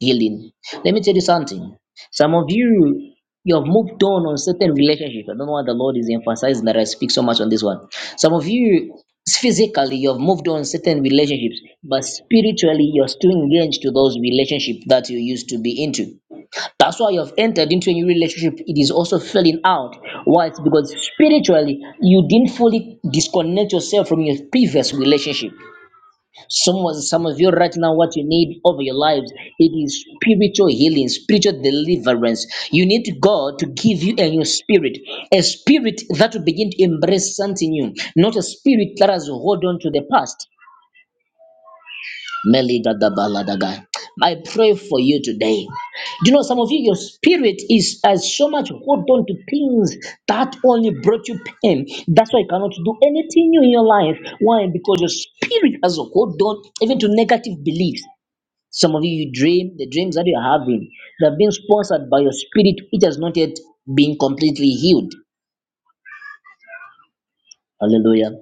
[SPEAKER 1] healing. Let me tell you something. Some of you, you have moved on on certain relationships. I don't know why the Lord is emphasizing that I speak so much on this one. Some of you, physically, you have moved on certain relationships, but spiritually, you're still engaged to those relationships that you used to be into. That's why you have entered into a new relationship. It is also falling out. Why? It's because spiritually, you didn't fully disconnect yourself from your previous relationship. Someone, some of you right now, what you need over your lives, it is spiritual healing, spiritual deliverance. You need God to give you a new spirit, a spirit that will begin to embrace something new, not a spirit that has hold on to the past. Meligadabalagadai. I pray for you today. Do you know some of you, your spirit is has so much hold on to things that only brought you pain. That's why you cannot do anything new in your life. Why? Because your spirit has a hold on even to negative beliefs. Some of you, you dream the dreams that you're having, they're being sponsored by your spirit, which has not yet been completely healed. Hallelujah.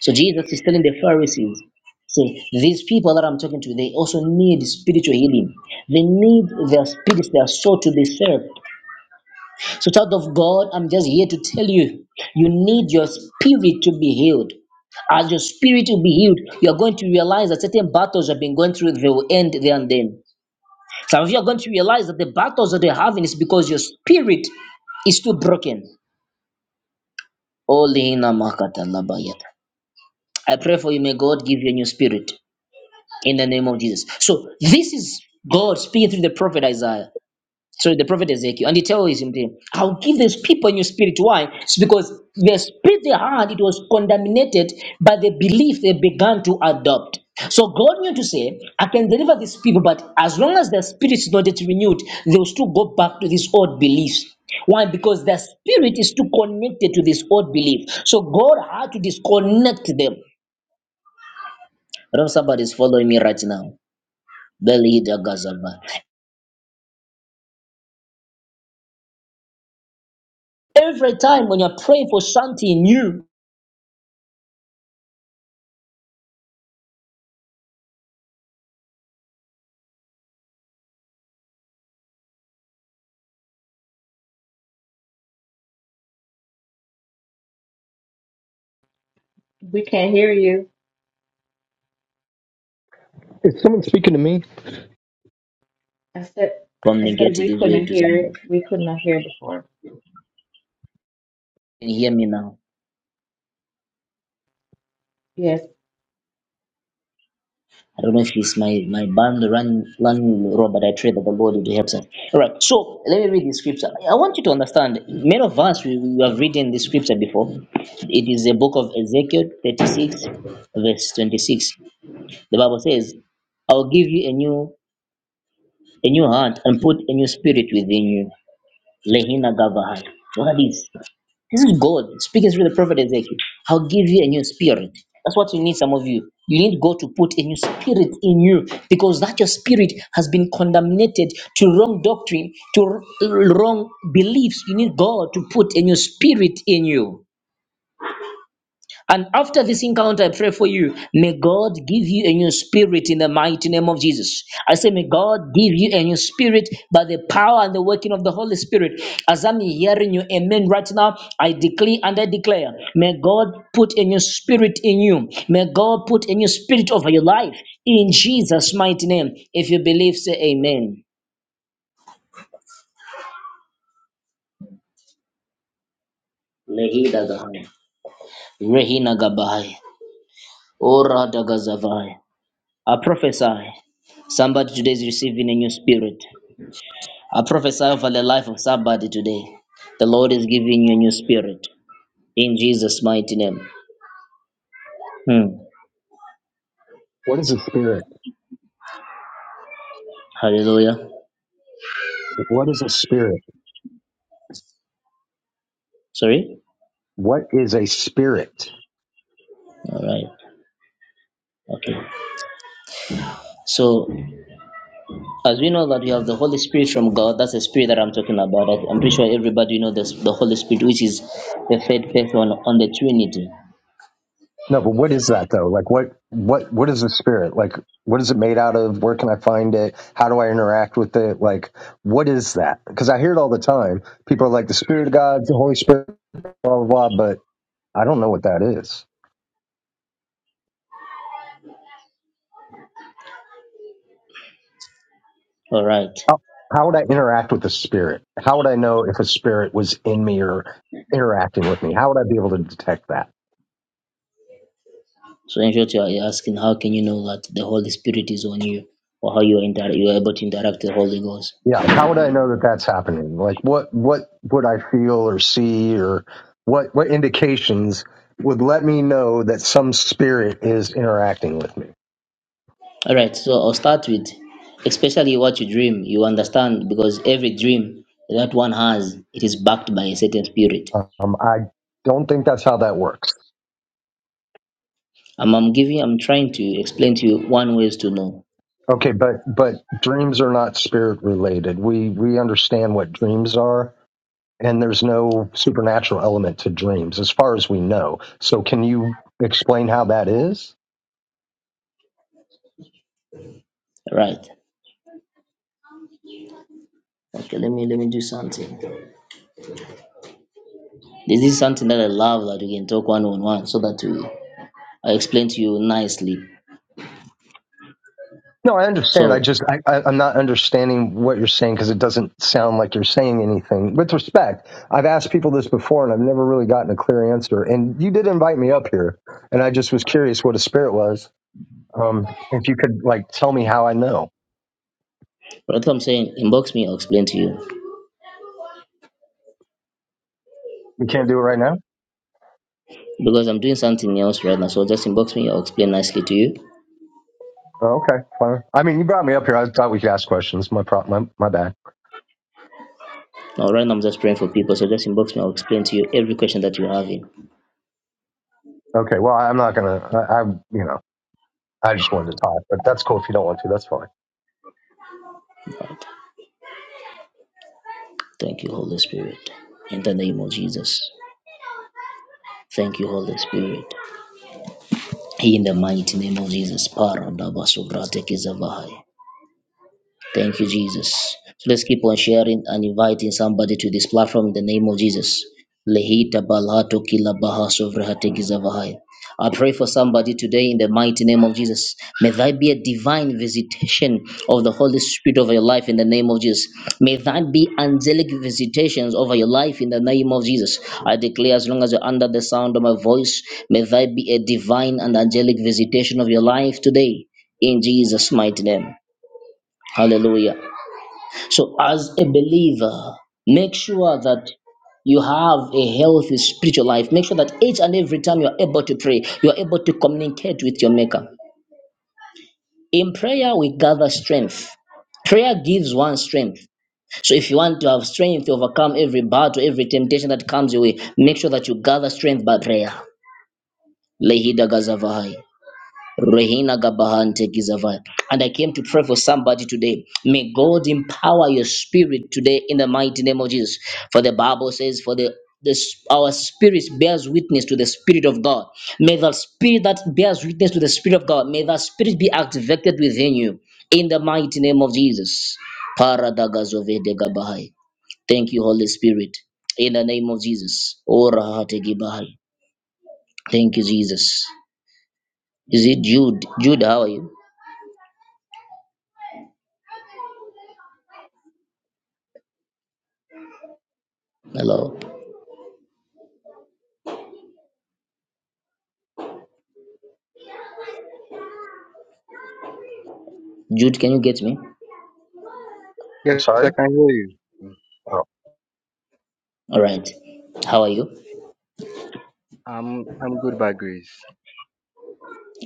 [SPEAKER 1] So Jesus is telling the Pharisees, say, these people that I'm talking to, they also need spiritual healing. They need their spirits, their soul to be served. So, child of God, I'm just here to tell you, you need your spirit to be healed. As your spirit will be healed, you are going to realize that certain battles you have been going through, they will end there and then. Some of you are going to realize that the battles that you're having is because your spirit is too broken. Olina makata labayata. I pray for you, may God give you a new spirit. in the name of Jesus. So this is God speaking through the prophet Isaiah, through the prophet Ezekiel, and he tells him, "Hey, I'll give these people new spirit. Why? It's because the spirit they had, it was contaminated by the belief they began to adopt. So God knew to say, I can deliver these people, but as long as their spirit is not yet renewed, they will still go back to these old beliefs. Why? Because their spirit is too connected to this old belief. So God had to disconnect them. I don't know if somebody's following me right now. Belidagazaba. Every time when you're praying for something new,
[SPEAKER 4] Is someone speaking to me?
[SPEAKER 1] from negative this way to somebody. Can you hear me now? I don't know if it's my, my band running running low, but I pray that the Lord will help us. All right, so let me read the scripture. I want you to understand. Many of us we, we have written the scripture before. It is the book of Ezekiel 36, verse 26. The Bible says, I will give you a new a new heart and put a new spirit within you. Lehina Gavahad. What are these? This is God speaking through the prophet Ezekiel. I'll give you a new spirit. That's what you need, some of you. You need God to put a new spirit in you because that your spirit has been condemned to wrong doctrine, to r- wrong beliefs. You need God to put a new spirit in you. And after this encounter, I pray for you. May God give you a new spirit in the mighty name of Jesus. I say, may God give you a new spirit by the power and the working of the Holy Spirit. As I'm hearing you, amen, right now, I declare and I declare, may God put a new spirit in you. May God put a new spirit over your life in Jesus' mighty name. If you believe, say amen. Lehida gahai. Rehina gabahai. Ora dagazavai. A prophesy somebody today is receiving a new spirit. I prophesy over the life of somebody today. The Lord is giving you a new spirit in Jesus' mighty name. Hmm.
[SPEAKER 4] What is a spirit?
[SPEAKER 1] Hallelujah.
[SPEAKER 4] What is a spirit?
[SPEAKER 1] Sorry?
[SPEAKER 4] What is a spirit?
[SPEAKER 1] All right. Okay. So, as we know that we have the Holy Spirit from God, that's the spirit that I'm talking about. I- I'm pretty sure everybody know this, the Holy Spirit, which is the third person on the Trinity.
[SPEAKER 4] No, but what is that though? Like what what what is a spirit? Like what is it made out of? Where can I find it? How do I interact with it? Like what is that? Because I hear it all the time. People are like the spirit of God, the Holy Spirit, blah blah blah, but I don't know what that is.
[SPEAKER 1] All right.
[SPEAKER 4] How, how would I interact with a spirit? How would I know if a spirit was in me or interacting with me? How would I be able to detect that?
[SPEAKER 1] So in short, you are you're asking how can you know that the Holy Spirit is on you or how you are, inter- you are able to interact with the Holy Ghost?
[SPEAKER 4] Yeah, how would I know that that's happening? Like, what what would I feel or see, or what what indications would let me know that some spirit is interacting with me?
[SPEAKER 1] All right, so I'll start with especially what you dream. You understand because every dream that one has, it is backed by a certain spirit.
[SPEAKER 4] Um, I don't think that's how that works.
[SPEAKER 1] I'm, I'm giving, I'm trying to explain to you one ways to know.
[SPEAKER 4] Okay, but but dreams are not spirit related. We we understand what dreams are, and there's no supernatural element to dreams, as far as we know. So, can you explain how that is?
[SPEAKER 1] All right. Okay, let me let me do something. This is something that I love that we can talk one on one so that we I explain to you nicely.
[SPEAKER 4] No, I understand. I
[SPEAKER 1] So
[SPEAKER 4] just I, I, I'm not understanding what you're saying because it doesn't sound like you're saying anything. With respect, I've asked people this before and I've never really gotten a clear answer. And you did invite me up here, and I just was curious what a spirit was. Um, if you could like tell me how I know.
[SPEAKER 1] right, what I'm saying, inbox me, I'll explain to you.
[SPEAKER 4] We can't do it right now.
[SPEAKER 1] because I'm doing something else right now. So just inbox me, I'll explain nicely to you.
[SPEAKER 4] Oh, okay, fine. I mean, you brought me up here. I thought we could ask questions. My pro- my my bad.
[SPEAKER 1] Now, right now, I'm just praying for people. So just inbox me, I'll explain to you every question that you're having.
[SPEAKER 4] Okay, well, I'm not gonna. I, I you know I just wanted to talk, but that's cool if you don't want to. That's fine.
[SPEAKER 1] Thank you, Holy Spirit. In the name of Jesus. Thank you, Holy Spirit. In the mighty name of Jesus. Para daba sobrate kizavahai. Thank you, Jesus. So let's keep on sharing and inviting somebody to this platform in the name of Jesus. Lehita balato kila baha sovrahate gizavahai. I pray for somebody today in the mighty name of Jesus. May that be a divine visitation of the Holy Spirit over your life in the name of Jesus. May that be angelic visitations over your life in the name of Jesus. I declare, as long as you're under the sound of my voice, may that be a divine and angelic visitation of your life today in Jesus' mighty name. Hallelujah. So, as a believer, make sure that you have a healthy spiritual life. Make sure that each and every time you are able to pray, you are able to communicate with your Maker. In prayer, we gather strength. Prayer gives one strength. So, if you want to have strength to overcome every battle, every temptation that comes your way, make sure that you gather strength by prayer. Lehida Gazavai. Rehina Gabahante Gizavai. And I came to pray for somebody today. May God empower your spirit today in the mighty name of Jesus. For the Bible says, for the this, our spirit bears witness to the spirit of God. May the spirit that bears witness to the spirit of God, may that spirit be activated within you in the mighty name of Jesus. Paradagazovede Gabahai. Thank you, Holy Spirit, in the name of Jesus. Ora hate gibahai. Thank you, Jesus. Is it Jude? Jude, how are you? Hello. Jude, can you get me?
[SPEAKER 4] I'm
[SPEAKER 5] Yes, I
[SPEAKER 4] sorry.
[SPEAKER 5] can hear you.
[SPEAKER 4] Oh.
[SPEAKER 1] All right. How are you?
[SPEAKER 5] I'm I'm good by grace.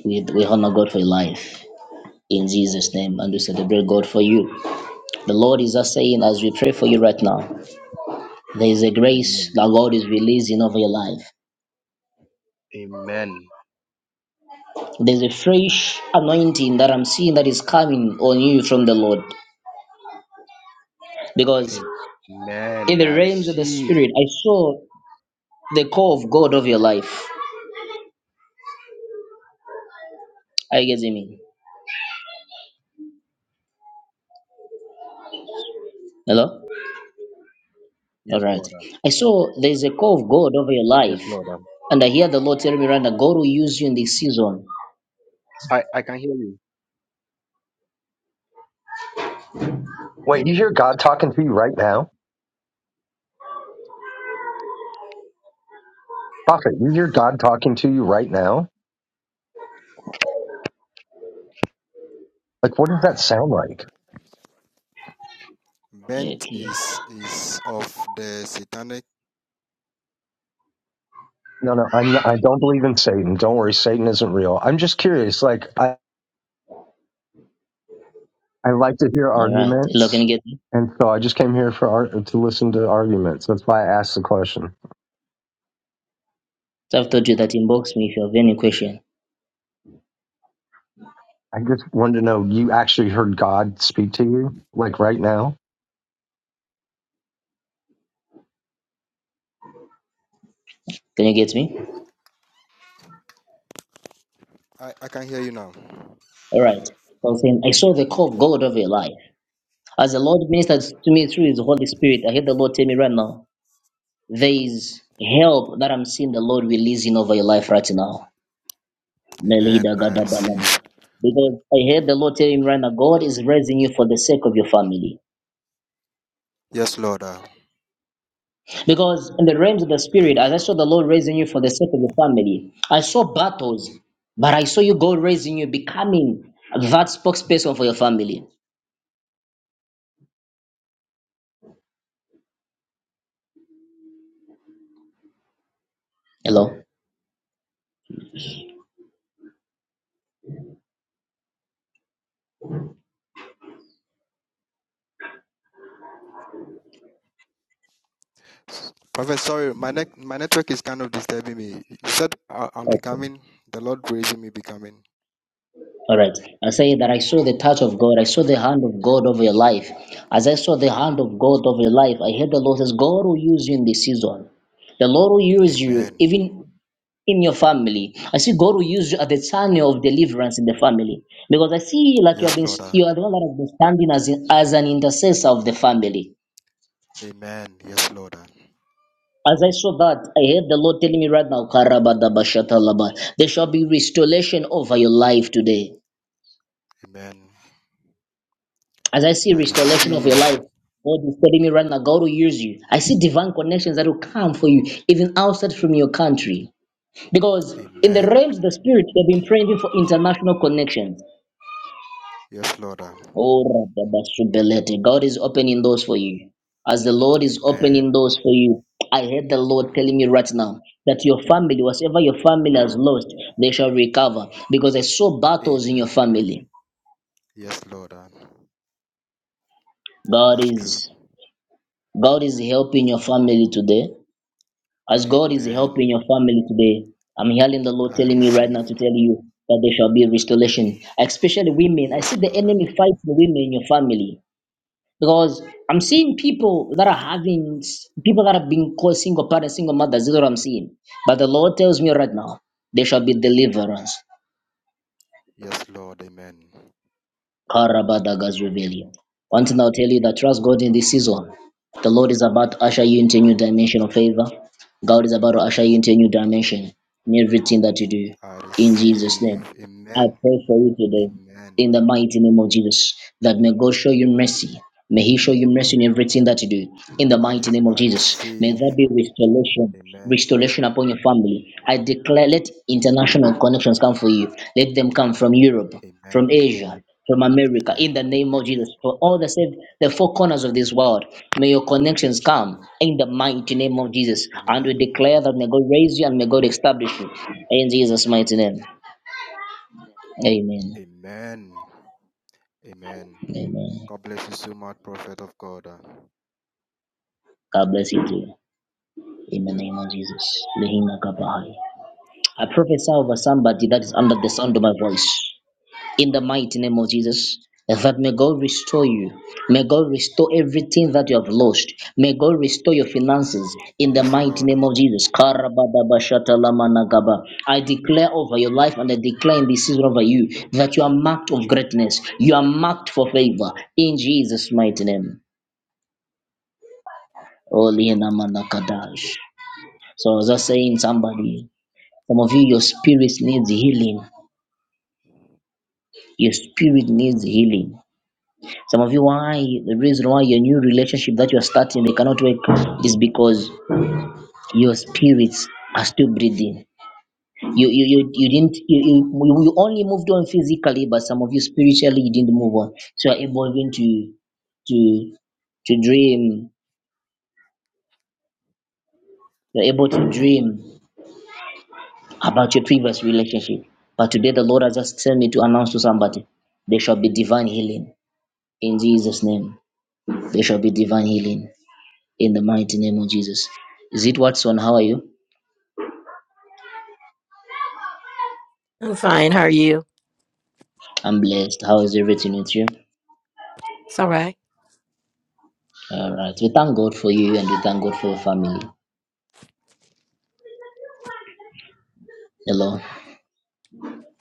[SPEAKER 1] We, we honor God for your life in Jesus' name and we celebrate God for you. The Lord is just saying, as we pray for you right now, there is a grace
[SPEAKER 5] Amen.
[SPEAKER 1] that God is releasing over your life.
[SPEAKER 5] Amen.
[SPEAKER 1] There's a fresh anointing that I'm seeing that is coming on you from the Lord. Because in
[SPEAKER 5] Amen.
[SPEAKER 1] the
[SPEAKER 5] I
[SPEAKER 1] realms of the
[SPEAKER 5] receive.
[SPEAKER 1] Spirit, I saw the call of God over your life. Are you getting me? Hello? All
[SPEAKER 5] Yes,
[SPEAKER 1] right.
[SPEAKER 5] Lord.
[SPEAKER 1] I saw there's a call of God over your
[SPEAKER 5] Yes,
[SPEAKER 1] life,
[SPEAKER 5] Lord.
[SPEAKER 1] and I hear the Lord telling me, right now, God will use you in this season.
[SPEAKER 5] I, I can hear you.
[SPEAKER 4] Wait, you hear God talking to you right now? Prophet, is your God talking to you right now? Like, what does that sound like?
[SPEAKER 5] Bent
[SPEAKER 1] Okay.
[SPEAKER 5] is is of the satanic.
[SPEAKER 4] No, no, I'm not, I don't believe in Satan. Don't worry, Satan isn't real. I'm just curious. Like, I, I like to hear
[SPEAKER 1] All right. Hello, can
[SPEAKER 4] arguments,
[SPEAKER 1] you get me?
[SPEAKER 4] and so I just came here for art to listen to arguments. That's why I asked the question.
[SPEAKER 1] So I've told you that inbox me if you have any question.
[SPEAKER 4] I just wanted to know you actually heard God speak to you, like right now.
[SPEAKER 1] Can you get me?
[SPEAKER 5] I, I can hear you now.
[SPEAKER 1] All right. So I'm saying, I saw the call of God over your life. As the Lord ministered to me through His Holy Spirit, I hear the Lord tell me right now, there is help that I'm seeing the Lord releasing over your life right now.
[SPEAKER 5] Amen.
[SPEAKER 1] Melida
[SPEAKER 5] I
[SPEAKER 1] Gadabala.
[SPEAKER 5] receive.
[SPEAKER 1] Because I heard the Lord telling me right now, God is raising you for the sake of your family.
[SPEAKER 5] Yes, Lord. uh,
[SPEAKER 1] Because in the realms of the
[SPEAKER 5] thank
[SPEAKER 1] spirit, as I
[SPEAKER 5] you.
[SPEAKER 1] saw the Lord raising you for the sake of your family, I saw battles, but I saw you God raising you, becoming that spokesperson for your family. Hello.
[SPEAKER 5] Prophet, sorry, my neck my network is kind of disturbing me. You said I, I'm becoming the Lord raising me becoming.
[SPEAKER 1] All right. I say that I saw the touch of God. I saw the hand of God over your life. As I saw the hand of God over your life, I heard the Lord says, God will use you in this season. The Lord will use
[SPEAKER 5] Amen.
[SPEAKER 1] you even in your family. I see God will use you at the channel of deliverance in the family because I see like you have
[SPEAKER 5] Yes,
[SPEAKER 1] been
[SPEAKER 5] Lord.
[SPEAKER 1] you are the one that has been standing as in, as an intercessor of the family.
[SPEAKER 5] Amen. Yes, Lord.
[SPEAKER 1] As I saw that, I heard the Lord telling me right now, "Karabadabashatalaba," there shall be restoration over your life today.
[SPEAKER 5] Amen.
[SPEAKER 1] As I see
[SPEAKER 5] I
[SPEAKER 1] restoration of your life,
[SPEAKER 5] receive.
[SPEAKER 1] God is telling me right now, God will use you. I see divine connections that will come for you, even outside from your country. Because in the
[SPEAKER 5] Amen.
[SPEAKER 1] realms of the spirit, they've been praying for international connections.
[SPEAKER 5] Yes, Lord.
[SPEAKER 1] Oh, Rababasubelete. God is opening doors for you. As the Lord is opening
[SPEAKER 5] Amen.
[SPEAKER 1] doors for you, I heard the Lord telling me right now that your family, whatever your family has lost, they shall recover because I saw battles in your
[SPEAKER 5] Amen.
[SPEAKER 1] family.
[SPEAKER 5] Yes, Lord.
[SPEAKER 1] God
[SPEAKER 5] That's true.
[SPEAKER 1] is God is helping your family today. As God is helping
[SPEAKER 5] Amen.
[SPEAKER 1] your family today, I'm hearing the Lord
[SPEAKER 5] I
[SPEAKER 1] telling me right
[SPEAKER 5] receive.
[SPEAKER 1] now to tell you that there shall be restoration, especially women. I see
[SPEAKER 5] Yes,
[SPEAKER 1] the
[SPEAKER 5] Lord.
[SPEAKER 1] enemy fighting women in your family. because I'm seeing people that are having people that have been called single parents, single mothers. This is what I'm seeing. But the Lord tells me right now, there shall be deliverance.
[SPEAKER 5] Yes, Lord. Amen.
[SPEAKER 1] Karabadagas rebellion. One thing I'll tell you that trust God in this season. The Lord is about to usher you into a new dimension of favor. God is about to usher you into a new dimension in everything that you do.
[SPEAKER 5] I
[SPEAKER 1] In Jesus'
[SPEAKER 5] receive.
[SPEAKER 1] name. I
[SPEAKER 5] Amen.
[SPEAKER 1] pray for you today.
[SPEAKER 5] Amen.
[SPEAKER 1] in the mighty name of Jesus. That may God show you mercy. May He show you mercy in everything that you do. In the
[SPEAKER 5] I,
[SPEAKER 1] mighty
[SPEAKER 5] re-
[SPEAKER 1] name of
[SPEAKER 5] I
[SPEAKER 1] Jesus. May there
[SPEAKER 5] receive.
[SPEAKER 1] be restoration.
[SPEAKER 5] Amen.
[SPEAKER 1] Restoration upon your family. I declare let international connections come for you. Let them come from Europe,
[SPEAKER 5] Amen.
[SPEAKER 1] from Asia, from America.
[SPEAKER 5] Amen.
[SPEAKER 1] In the name of
[SPEAKER 5] Amen.
[SPEAKER 1] Jesus. For all the said the four corners of this world. May your connections come in the mighty name of Jesus. And we
[SPEAKER 5] Amen.
[SPEAKER 1] declare that may God raise you and may God establish you. In Jesus' mighty name. Amen.
[SPEAKER 5] Amen. Amen.
[SPEAKER 1] Amen.
[SPEAKER 5] God bless you so much, prophet of God. uh.
[SPEAKER 1] God bless you too. In the name of Jesus. Lehina Kabahai. I prophesy over somebody that is under the sound of my voice. In the mighty name of Jesus. That may God restore you. May God restore everything that you have lost. May God restore your finances in the
[SPEAKER 5] Yes,
[SPEAKER 1] mighty
[SPEAKER 5] Lord. uh.
[SPEAKER 1] name of Jesus. Karabadabashatalamanagaba. I declare over your life and I declare in this season over you that you are marked of greatness. You are marked for favor in Jesus' mighty name. Oli na manakadash. So as I was saying, somebody, some of you, your spirit needs healing. Your spirit needs healing. Some of you, why the reason why your new relationship that you are starting they cannot work is because your spirits are still breathing. You you you, you didn't you, you you only moved on physically, but some of you spiritually you didn't move on. So you're able even to to to dream. You're able to dream. about your previous relationship. But today the Lord has just sent me to announce to somebody there shall be divine healing in Jesus' name. There shall be divine healing in the mighty name of Jesus. Is it Watson? How are you?
[SPEAKER 6] I'm fine. How are you?
[SPEAKER 1] I'm blessed. How is everything with you?
[SPEAKER 6] It's all right.
[SPEAKER 1] All right. We thank God for you and we thank God for your family. Hello.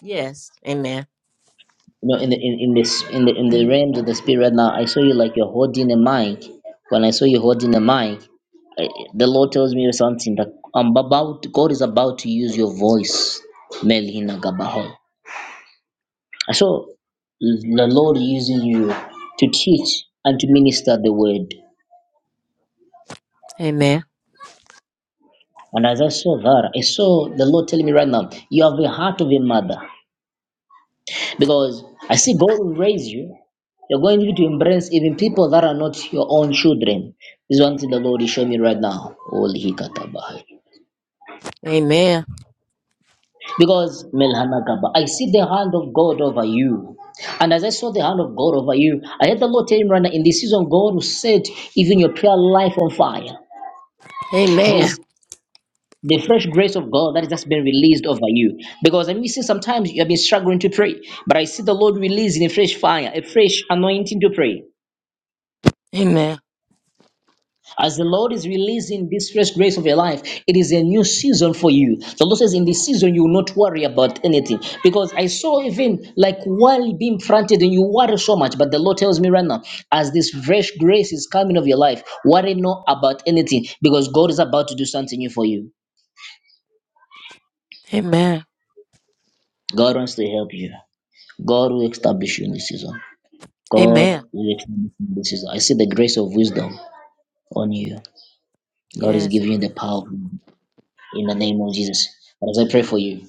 [SPEAKER 6] Yes. Amen.
[SPEAKER 1] you know in the in, in this in the in the realms of the spirit right now i saw you like you're holding a mic when i saw you holding a mic I, the lord tells me something that i'm about god is about to use your voice melina gabaho i saw the lord using you to teach and to minister the word
[SPEAKER 6] Amen.
[SPEAKER 1] and as i saw that i saw the lord telling me right now you have the heart of a mother Because I see God will raise you. You're going to need to embrace even people that are not your own children. This is one thing the Lord is showing me right now. Holy Hikatabaha.
[SPEAKER 6] Amen.
[SPEAKER 1] Because Melhanakaba, I see the hand of God over you. And as I saw the hand of God over you, I heard the Lord tell me right now, in this season, God will set even your prayer life on fire.
[SPEAKER 6] Amen.
[SPEAKER 1] There's the fresh grace of God that has just been released over you. Because I mean, see, sometimes you have been struggling to pray, but I see the Lord releasing a fresh fire, a fresh anointing to pray.
[SPEAKER 6] Amen.
[SPEAKER 1] As the Lord is releasing this fresh grace of your life, it is a new season for you. The Lord says, in this season, you will not worry about anything. Because I saw even like while being planted and you worry so much. But the Lord tells me right now, as this fresh grace is coming of your life, worry not about anything because God is about to do something new for you.
[SPEAKER 6] Amen.
[SPEAKER 1] God wants to help you. God will establish you in this season. God
[SPEAKER 6] Amen.
[SPEAKER 1] will establish you in this season. I see the grace of wisdom on you. God is
[SPEAKER 6] Yes.
[SPEAKER 1] giving you the
[SPEAKER 6] Amen.
[SPEAKER 1] power. in the name of Jesus. And as I pray for you,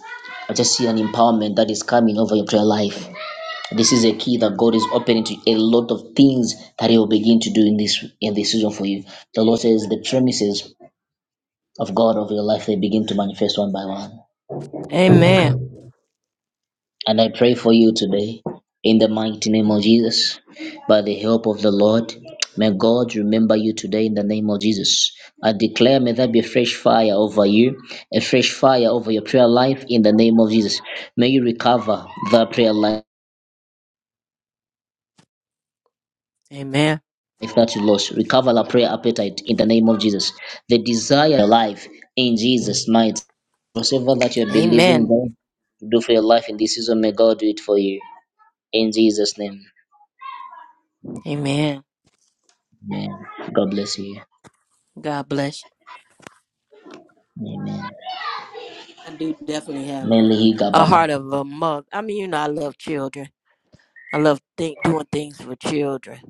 [SPEAKER 1] I just see an empowerment that is coming over your prayer life. This is a key that God is opening to a lot of things that He will begin to do in this in this season for you. The Lord says the premises of God over your life they begin to manifest one by one.
[SPEAKER 6] Amen.
[SPEAKER 1] And I pray for you today in the mighty name of Jesus. By the help of the Lord, may God remember you today in the name of Jesus. I declare, may there be a fresh fire over you, a fresh fire over your prayer life in the name of Jesus. May you recover the prayer life
[SPEAKER 6] Amen.
[SPEAKER 1] that you lost. Recover the prayer appetite in the name of Jesus. The desire of your life in Jesus' might. Whatever that you're believing
[SPEAKER 6] Amen.
[SPEAKER 1] God to do for your life in this season, may God do it for you. In Jesus' name.
[SPEAKER 6] Amen.
[SPEAKER 1] Amen. God bless you.
[SPEAKER 6] God bless
[SPEAKER 1] Amen.
[SPEAKER 6] I do definitely have it. you.
[SPEAKER 1] Meli Gaba.
[SPEAKER 6] a heart of a mother. I mean, you know, I love children. I love think, doing things for children.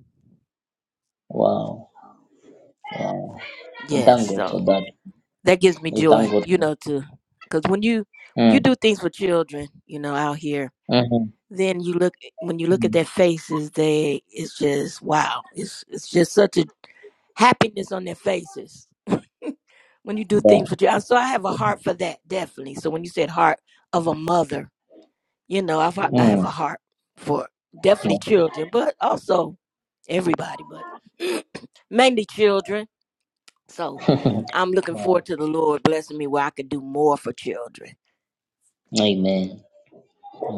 [SPEAKER 1] Wow. Wow. We
[SPEAKER 6] Yes.
[SPEAKER 1] thank God
[SPEAKER 6] So
[SPEAKER 1] for that.
[SPEAKER 6] that gives me
[SPEAKER 1] We thank
[SPEAKER 6] joy,
[SPEAKER 1] God
[SPEAKER 6] you
[SPEAKER 1] for
[SPEAKER 6] know, too. Because when you, you
[SPEAKER 1] mm.
[SPEAKER 6] do things for children, you know, out here,
[SPEAKER 1] Mm-hmm.
[SPEAKER 6] then you look when you look at
[SPEAKER 1] Mm.
[SPEAKER 6] their faces they it's just wow it's it's just such a happiness on their faces when you do
[SPEAKER 1] Yeah.
[SPEAKER 6] things with your so i have a heart for that definitely so when you said heart of a mother you know I've, i have
[SPEAKER 1] Mm.
[SPEAKER 6] a heart for definitely
[SPEAKER 1] Yeah.
[SPEAKER 6] children but also everybody but mainly children so i'm looking
[SPEAKER 1] yeah.
[SPEAKER 6] forward to the lord blessing me where i could do more for children
[SPEAKER 1] Amen.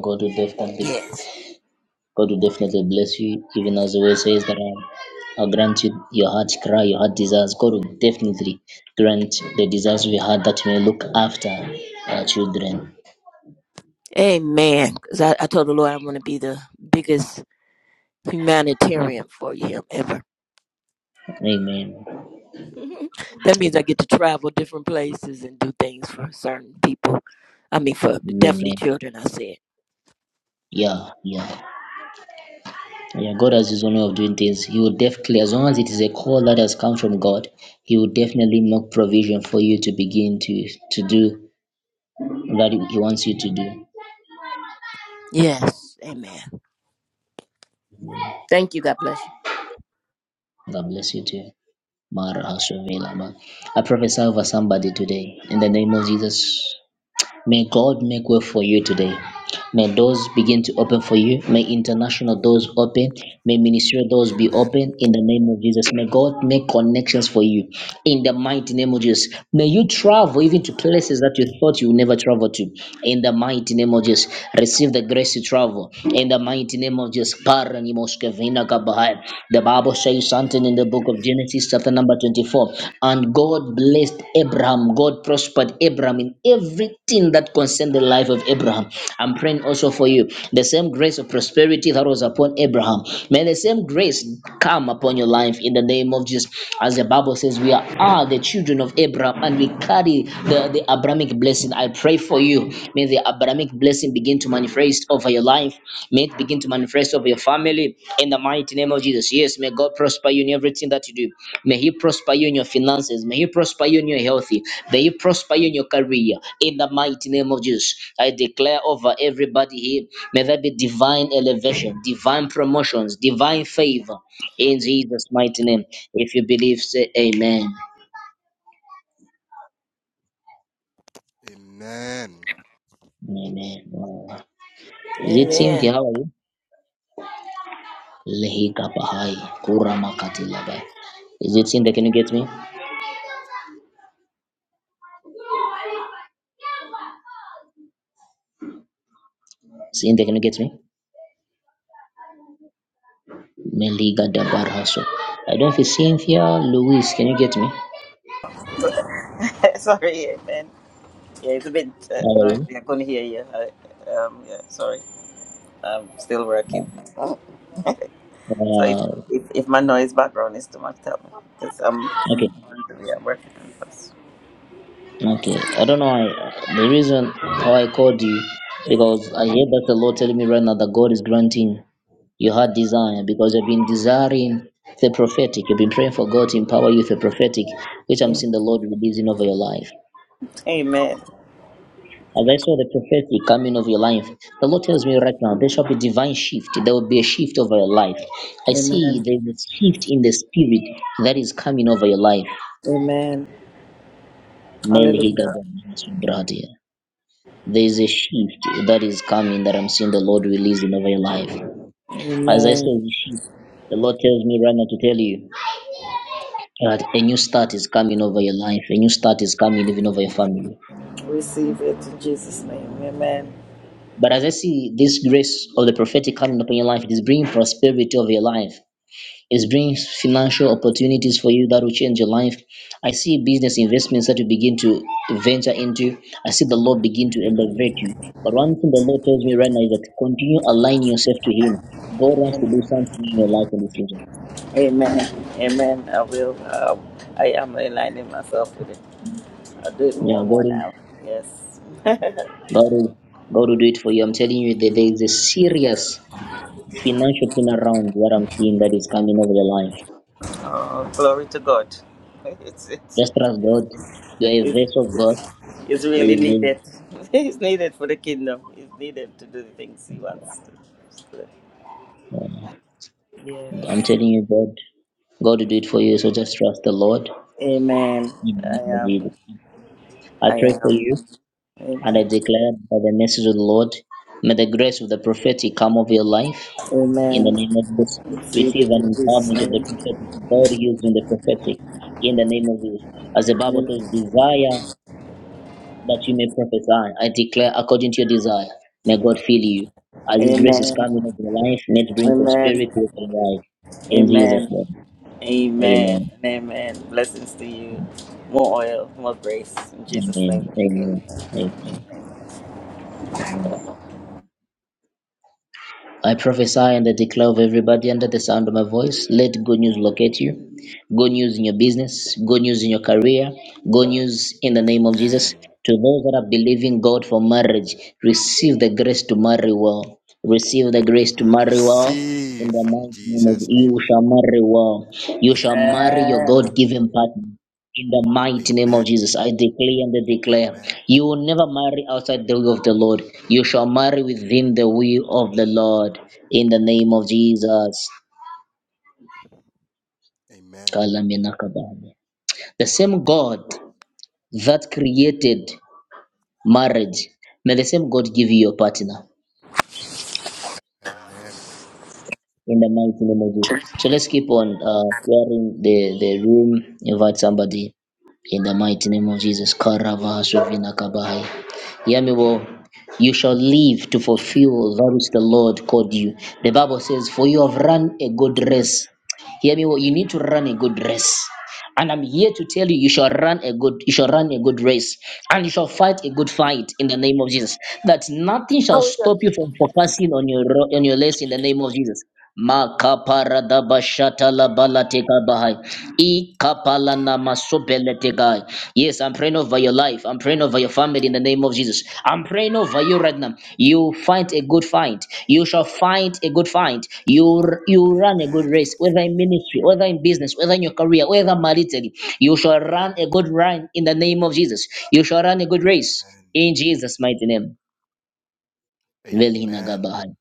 [SPEAKER 1] God will definitely
[SPEAKER 6] yes
[SPEAKER 1] God will definitely bless you, even as the word says that um, I'll grant you your heart's cry, your heart desires. God will definitely grant the desires of your heart that you may look after our children.
[SPEAKER 6] amen because I, I told the lord i want to be the biggest humanitarian for him ever.
[SPEAKER 1] Amen.
[SPEAKER 6] that means I get to travel different places and do things for certain people. I mean, for definitely
[SPEAKER 1] Amen.
[SPEAKER 6] children. I said
[SPEAKER 1] Yeah, yeah. Yeah, God has his own way of doing things. He will definitely, as long as it is a call that has come from God, He will definitely make provision for you to begin to to do that He wants you to do.
[SPEAKER 6] yes, amen. Thank you. God bless you.
[SPEAKER 1] God bless you too. Mara Hashovela, man. I prophesy over somebody today in the name of Jesus. May God make way for you today. May doors begin to open for you. May international doors open. May ministerial doors be
[SPEAKER 5] Amen.
[SPEAKER 1] open in the name of Jesus. May God make connections for you in the mighty name of Jesus. May you travel
[SPEAKER 5] Amen.
[SPEAKER 1] even to places that you thought you would never travel to in the mighty name of Jesus. Receive the grace to travel in the mighty name of Jesus. Paranimoskevina kabahai. The Bible says something
[SPEAKER 5] Amen.
[SPEAKER 1] in the book of Genesis, chapter number 22. 24. And God blessed Abraham. God prospered Abraham in everything that concerned the life of Abraham. I'm praying also for you. The same grace of prosperity that was upon Abraham. May the same grace come upon your life in the name of Jesus. As the Bible says, we are the children of Abraham and we carry the, the Abrahamic blessing. I pray for you. May the Abrahamic blessing begin to manifest over your life. May it begin to manifest over your family in the mighty name of Jesus. Yes, may God prosper you in everything that you do. May He prosper you in your finances. May He prosper you in your health. May He prosper you in your career in the mighty name of Jesus. I declare over everybody here, may there be divine elevation, divine promotions, divine favor in Jesus' mighty name. If you believe, say amen.
[SPEAKER 5] Amen.
[SPEAKER 1] Amen. Is it
[SPEAKER 6] Amen.
[SPEAKER 1] Cynthia? How are you? Lehiga Bahai Kurama Katilabe. Is it Cynthia? Can you get me? Cynthia, can you get me? Meliga Dabar Hasso. I don't feel Cynthia Louise. Can you get me?
[SPEAKER 7] sorry, yeah, man. Yeah, it's a bit uh,
[SPEAKER 1] How are you?
[SPEAKER 7] noisy. I couldn't hear you. I, um, yeah, sorry. I'm still working.
[SPEAKER 1] No.
[SPEAKER 7] So if,
[SPEAKER 1] Uh,
[SPEAKER 7] if, if my noise background is too much, tell me. Because I'm,
[SPEAKER 1] okay,
[SPEAKER 7] I'm, yeah, I'm working on this.
[SPEAKER 1] okay. I don't know. I, the reason how I called you because I hear that the Lord telling me right now that God is granting your heart desire because you've been desiring the prophetic. You've been praying for God to empower you with the prophetic, which I'm
[SPEAKER 7] Yeah.
[SPEAKER 1] seeing the Lord releasing over your life.
[SPEAKER 7] Amen.
[SPEAKER 1] As I saw the prophetic coming of your life, the Lord tells me right now there shall be divine shift. There will be a shift over your life. I see
[SPEAKER 7] Amen.
[SPEAKER 1] there's a shift in the spirit that is coming over your life.
[SPEAKER 7] Amen.
[SPEAKER 1] There
[SPEAKER 7] Hallelujah.
[SPEAKER 1] is a shift that is coming that I'm seeing the Lord releasing over your life. As I
[SPEAKER 7] Amen.
[SPEAKER 1] saw the shift, the Lord tells me right now to tell you that a new start is coming over your life, a new start is coming even over your family.
[SPEAKER 7] Receive it in Jesus' name. Amen.
[SPEAKER 1] But as I see this grace of the prophetic coming upon your life, it is bringing prosperity over your life. It brings financial opportunities for you that will change your life. I see business investments that you begin to venture into. I see the Lord begin to elevate you. But one thing the Lord tells me right now is that continue aligning yourself to Him. God wants to
[SPEAKER 7] Amen.
[SPEAKER 1] do something in your life in the future.
[SPEAKER 7] Amen. Amen. I will. Um, I am aligning myself with it. I'll do it more
[SPEAKER 1] Yeah,
[SPEAKER 7] and
[SPEAKER 1] God
[SPEAKER 7] more
[SPEAKER 1] will,
[SPEAKER 7] now. Yes.
[SPEAKER 1] God will, God will do it for you. I'm telling you that there is a serious financial turnaround what I'm seeing that is coming over your life.
[SPEAKER 7] Oh, glory to God. It's, it's,
[SPEAKER 1] Just trust God. You are a
[SPEAKER 7] it's,
[SPEAKER 1] vessel of God.
[SPEAKER 7] it's
[SPEAKER 1] There
[SPEAKER 7] really
[SPEAKER 1] there
[SPEAKER 7] needed.
[SPEAKER 1] is-
[SPEAKER 7] It's needed for the kingdom. It's needed to do the things He wants to do.
[SPEAKER 1] I'm
[SPEAKER 7] Yes.
[SPEAKER 1] telling you, God, God will do it for you. So just trust the Lord.
[SPEAKER 7] Amen.
[SPEAKER 1] I
[SPEAKER 7] I am. I
[SPEAKER 1] pray for
[SPEAKER 7] am.
[SPEAKER 1] you and I
[SPEAKER 7] Amen.
[SPEAKER 1] declare by the message of the Lord, may the grace of the prophetic come over your life. In
[SPEAKER 7] Amen.
[SPEAKER 1] the name of Jesus,
[SPEAKER 7] It's
[SPEAKER 1] receive
[SPEAKER 7] needed
[SPEAKER 1] an
[SPEAKER 7] in Jesus'
[SPEAKER 1] empowerment of
[SPEAKER 7] name.
[SPEAKER 1] the prophetic, God used in the prophetic. In the name of Jesus. As the Bible
[SPEAKER 7] Amen.
[SPEAKER 1] says, desire that you may prophesy. I declare according to your desire, may God fill you. As His grace is
[SPEAKER 7] Amen.
[SPEAKER 1] coming over your life, may it bring
[SPEAKER 7] Amen.
[SPEAKER 1] prosperity over your life. In Jesus'
[SPEAKER 7] Amen.
[SPEAKER 1] name. Amen.
[SPEAKER 7] Amen. Blessings to you. More oil, more grace. In Jesus' name.
[SPEAKER 1] Amen. Amen.
[SPEAKER 7] Amen.
[SPEAKER 1] Amen. Amen. I prophesy and I declare of everybody under the sound of my voice, let good news locate you. Good news in your business, good news in your career, good news in the name of Jesus.
[SPEAKER 5] Amen.
[SPEAKER 1] To those that are believing God for marriage, receive the grace to marry well. Receive the grace to
[SPEAKER 5] I
[SPEAKER 1] marry well.
[SPEAKER 5] receive
[SPEAKER 1] In the
[SPEAKER 5] in
[SPEAKER 1] mighty name of
[SPEAKER 5] Jesus'
[SPEAKER 1] you
[SPEAKER 5] name.
[SPEAKER 1] shall marry well. You shall marry your
[SPEAKER 7] Amen.
[SPEAKER 1] God-given partner. In the mighty name of
[SPEAKER 5] Amen.
[SPEAKER 1] Jesus, I declare and I declare,
[SPEAKER 5] Amen.
[SPEAKER 1] you will never marry outside the will of the Lord. You shall marry within the will of the Lord. In the name of Jesus.
[SPEAKER 5] Amen.
[SPEAKER 1] Kalaminakabane. The same God that created marriage, may the same God give you your partner.
[SPEAKER 5] Amen.
[SPEAKER 1] in the mighty name of Jesus. So let's keep on uh, sharing the, the room. Invite somebody in the mighty name of Jesus. Karava Karavashovinakabai. Hear me well. You shall live to fulfill that which the Lord called you. The Bible says, For you have run a good race. Hear me well. You need to run a good race. And I'm here to tell you, you shall run a good, you shall run a good race, and you shall fight a good
[SPEAKER 5] Amen.
[SPEAKER 1] fight in the name of Jesus. That nothing shall
[SPEAKER 8] Hallelujah.
[SPEAKER 1] stop you from focusing on your ro- on your race in the name of Jesus. Makaparada bashata la balateka bahai. Ikapalana masopeletekai. Yes, I'm praying over your life. I'm praying over your family in the name of Jesus. I'm praying over you right now. You find a good fight. You shall find a good fight. You you run a good
[SPEAKER 5] Amen.
[SPEAKER 1] race, whether in ministry, whether in business, whether in your career, whether maritally. You shall run a good run in the name of Jesus. You shall run a good race
[SPEAKER 5] Amen.
[SPEAKER 1] in Jesus' mighty name. Velhina
[SPEAKER 5] Amen.
[SPEAKER 1] Gabahai.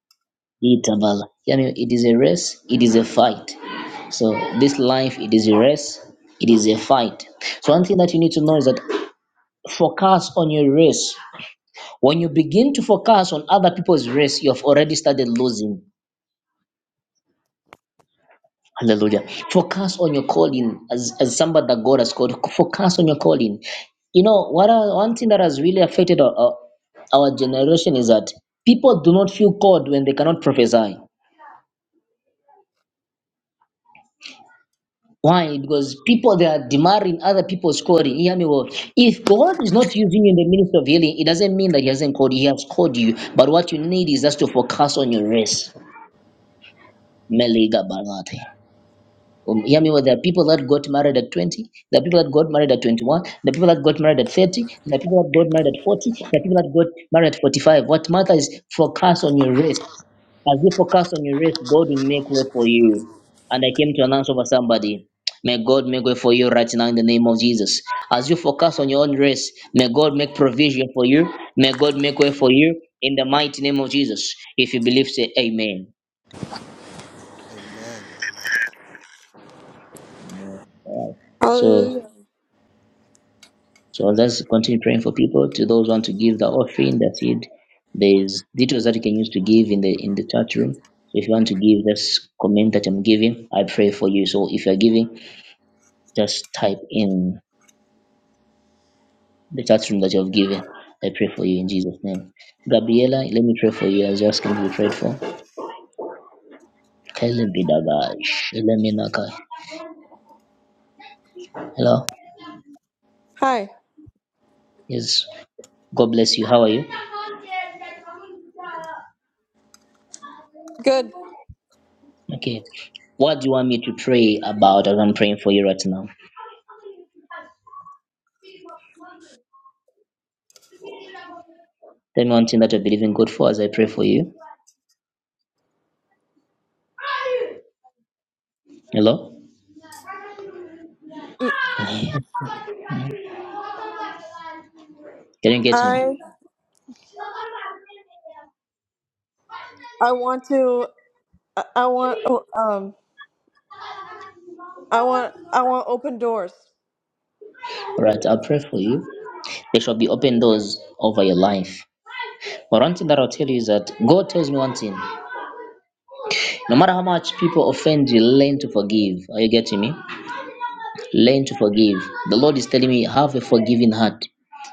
[SPEAKER 1] Itabala. You know, it is a race. It is a fight. So this life, it is a race. It is a fight. So one thing that you need to know is that focus on your race When you begin to focus on other people's race, you have already started losing. Hallelujah. Focus on your calling as, as somebody that God has called. Focus on your calling. You know, what are, one thing that has really affected our, our, our generation is that people do not feel called when they cannot prophesy. Why? Because people they are demanding other people's calling. Hear me well. If God is not using you in the ministry of healing, it doesn't mean that He hasn't called you. He has called you. But what you need is just to focus on your race. Meliga balate. Um, hear me well, there are people that got married at 20, there are people that got married at 21, there are people that got married at 30, there are people that got married at 40, there are people that got married at 45. What matters is focus on your race. As you focus on your race, God will make way for you. And I came to announce over somebody, may God make way for you right now in the name of Jesus. As you focus on your own race, may God make provision for you. May God make way for you in the mighty name of Jesus. If you believe, say amen.
[SPEAKER 5] Amen.
[SPEAKER 1] Alright. So.
[SPEAKER 8] Hallelujah.
[SPEAKER 1] So let's continue praying for people. To those who want to give the offering, the seed, there's details that you can use to give in the in the chat room. So if you want to give, just comment that I'm giving. I pray for you. So if you're giving, just type in the chat room that you have given. I pray for you in Jesus' name. Gabriela, let me pray for you as you're asking to be prayed for. Kelebidagash, Eleminaka. Hello.
[SPEAKER 8] Hi.
[SPEAKER 1] Yes. God bless you. How are you?
[SPEAKER 8] Good.
[SPEAKER 1] Okay. What do you want me to pray about as I'm praying for you right now? Tell me one thing that you're believing God for as I pray for you. Hello?
[SPEAKER 8] Mm,
[SPEAKER 1] Can you get me?
[SPEAKER 8] I I want to I I want oh, um I want I want open doors.
[SPEAKER 1] Alright, I'll pray for you. There shall be open doors over your life. But one thing that I'll tell you is that God tells me one thing. No matter how much people offend you, learn to forgive. Are you getting me? Learn to forgive. The Lord is telling me, have a forgiving heart.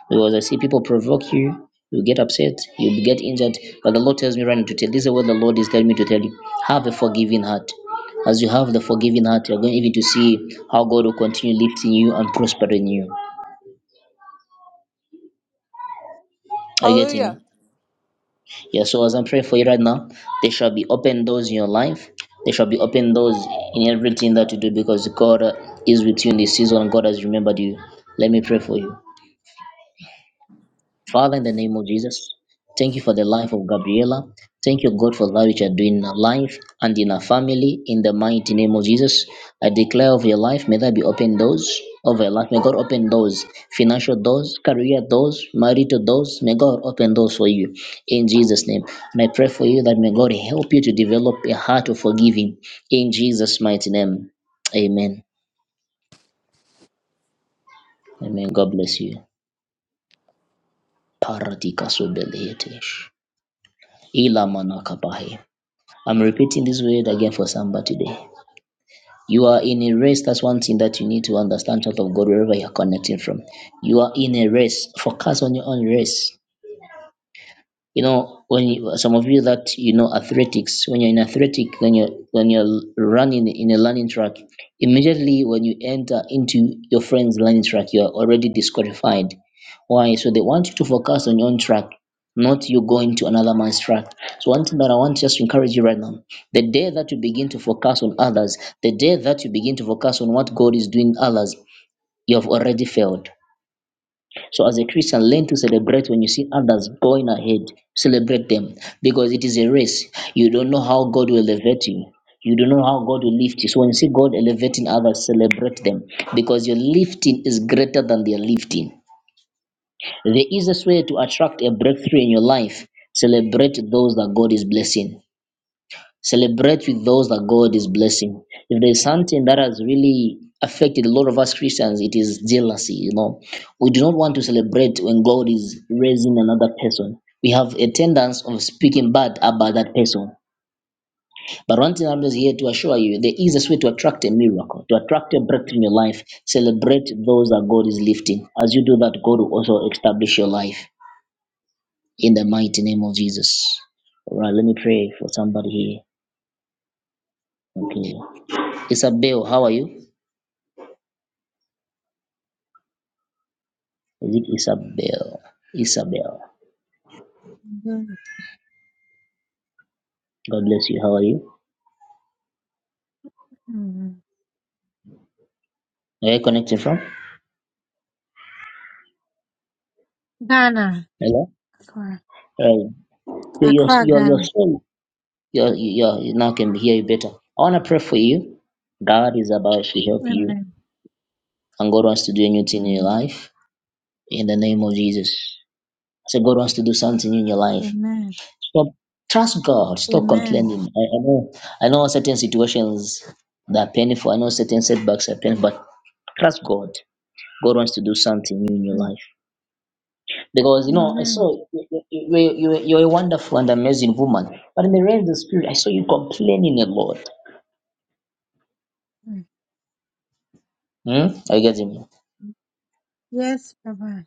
[SPEAKER 1] Because I see people provoke you, you get upset, you get injured. But the Lord tells me right now to tell this is what the Lord is telling me to tell you. Have a forgiving heart. As you have the forgiving heart, you're going even to see how God will continue lifting you and prospering you. Are you getting
[SPEAKER 8] Hallelujah.
[SPEAKER 1] me? Yeah, so as I'm praying for you right now, there shall be open doors in your life. There shall be open doors in everything that you do because God uh, is with you in this season and God has remembered you. Let me pray for you. Father, in the name of Jesus, thank you for the life of Gabriela. Thank you, God, for that which you are doing in her life and in her family. In the mighty name of Jesus, I declare of your life, may there be open doors of your life. May God open doors, financial doors, career doors, marital doors. May God open doors for you in Jesus' name. And I pray for you that may God help you to develop a heart of forgiving in Jesus' mighty name. Amen. Amen. God bless you. Paradika sobeletesh. Ila manakabahe. I'm repeating this word again for somebody today. You are in a race. That's one thing that you need to understand, child of God, wherever you're connecting from. You are in a race. Focus on your own race you know when you, some of you that you know athletics when you're in athletic when you're when you're running in a learning track immediately when you enter into your friend's learning track you're already disqualified why so they want you to focus on your own track not you going to another man's track so one thing that i want just to encourage you right now the day that you begin to focus on others the day that you begin to focus on what god is doing in others you have already failed so as a Christian, learn to celebrate when you see others going ahead. Celebrate them because it is a race. You don't know how God will elevate you. You don't know how God will lift you. So when you see God elevating others, celebrate them because your lifting is greater than their lifting. The easiest way to attract a breakthrough in your life, celebrate those that God is blessing. Celebrate with those that God is blessing. If there's something that has really affected a lot of us Christians, it is jealousy. You know, we do not want to celebrate when God is raising another person. We have a tendency of speaking bad about that person. But one thing I'm just here to assure you, the easiest way to attract a miracle, to attract a breakthrough in your life, celebrate those that God is lifting. As you do that, God will also establish your life in the mighty name of Jesus. All right, let me pray for somebody here. Okay. Isabel, how are you? Is it Isabel? Isabel.
[SPEAKER 9] Mhm.
[SPEAKER 1] God bless you. How are you?
[SPEAKER 9] Mhm.
[SPEAKER 1] Are you connected from?
[SPEAKER 9] Ghana,
[SPEAKER 1] Hello?
[SPEAKER 9] Accra,
[SPEAKER 1] Right. Your, your,
[SPEAKER 9] Accra,
[SPEAKER 1] your, your
[SPEAKER 9] Ghana.
[SPEAKER 1] soul, your, your, you now can hear you better. I want to pray for you. God is about to
[SPEAKER 10] Jeffrey.
[SPEAKER 1] help you,
[SPEAKER 9] Amen.
[SPEAKER 1] and God wants to do a new thing in your
[SPEAKER 9] Mhm.
[SPEAKER 1] life in the name of Jesus. I said, God wants to do something in your life.
[SPEAKER 9] Amen.
[SPEAKER 1] Stop. Trust God. Stop
[SPEAKER 9] Amen.
[SPEAKER 1] complaining. I, I know I know certain situations that are painful. I know certain setbacks are painful, but trust God. God wants to do something new in your
[SPEAKER 9] Mm.
[SPEAKER 1] life. Because you know, I
[SPEAKER 9] Amen.
[SPEAKER 1] saw you, you, you, you're a wonderful and amazing woman, but in the realm of the spirit, I saw you complaining a lot.
[SPEAKER 9] Mm.
[SPEAKER 1] Hmm? Are you getting me?
[SPEAKER 9] Yes, Papa.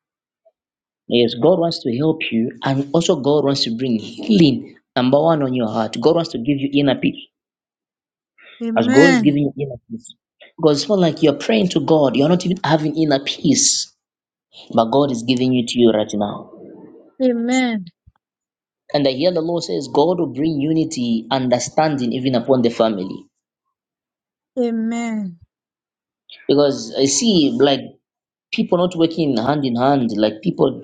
[SPEAKER 1] Yes, God wants to help you, and also God wants to bring healing, number one, on your heart. God wants to give you inner peace, as God is
[SPEAKER 9] Amen.
[SPEAKER 1] giving you inner peace. Because it's not like you're praying to God, you're not even having inner peace, but God is giving it to you right now.
[SPEAKER 9] Amen.
[SPEAKER 1] And I hear the Lord says, God will bring unity, understanding, even upon the family.
[SPEAKER 9] Amen.
[SPEAKER 1] Because I see, like, people not working hand in hand like people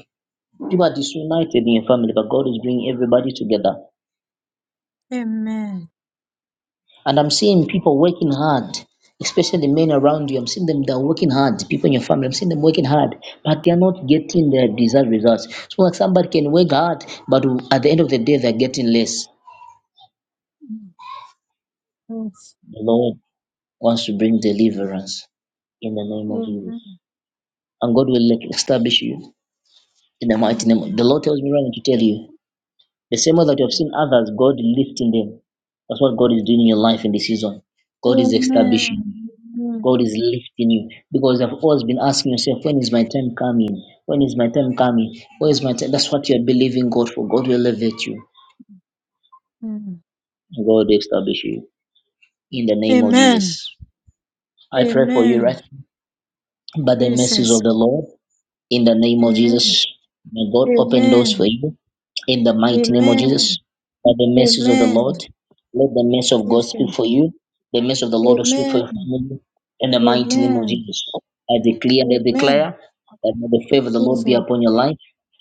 [SPEAKER 1] people are disunited in your family but god is bringing everybody together
[SPEAKER 9] Amen.
[SPEAKER 1] and i'm seeing people working hard especially the men around you i'm seeing them they're working hard people in your family i'm seeing them working hard but they're not getting the desired results so like somebody can work hard but at the end of the day they're getting less
[SPEAKER 9] Mm. Yes.
[SPEAKER 1] the lord wants to bring
[SPEAKER 9] Mm.
[SPEAKER 1] deliverance in the name of jesus
[SPEAKER 9] Amen.
[SPEAKER 1] and god will like, establish you in the mighty name of- the lord tells me right now to tell you The same way that you have seen others, God lifting them. That's what God is doing in your life in this season.
[SPEAKER 9] Amen. Mm.
[SPEAKER 1] God is
[SPEAKER 9] Amen.
[SPEAKER 1] establishing. you. God is lifting you. Because you have always been asking yourself, when is my time coming? When is my time coming? Where is my time? That's what you're believing God for. God will elevate you.
[SPEAKER 9] Amen. Mm.
[SPEAKER 1] God will establish you in the name of
[SPEAKER 9] Amen.
[SPEAKER 1] Jesus. I pray for you, right?
[SPEAKER 9] Amen.
[SPEAKER 1] By the mercies
[SPEAKER 9] Jesus.
[SPEAKER 1] of the Lord. In the name of
[SPEAKER 9] Amen.
[SPEAKER 1] Jesus, may God open doors for
[SPEAKER 9] Amen.
[SPEAKER 1] you. In the mighty name of Jesus,
[SPEAKER 9] Amen.
[SPEAKER 1] by the mercies of the Lord, let the mercy of God
[SPEAKER 9] Amen.
[SPEAKER 1] speak for you. The mercy of the Lord will speak for your
[SPEAKER 9] Amen.
[SPEAKER 1] family. In the mighty name of
[SPEAKER 9] Amen.
[SPEAKER 1] Jesus, I declare and I
[SPEAKER 9] Amen.
[SPEAKER 1] declare that may the favor of the Lord be
[SPEAKER 9] Jesus.
[SPEAKER 1] upon your life,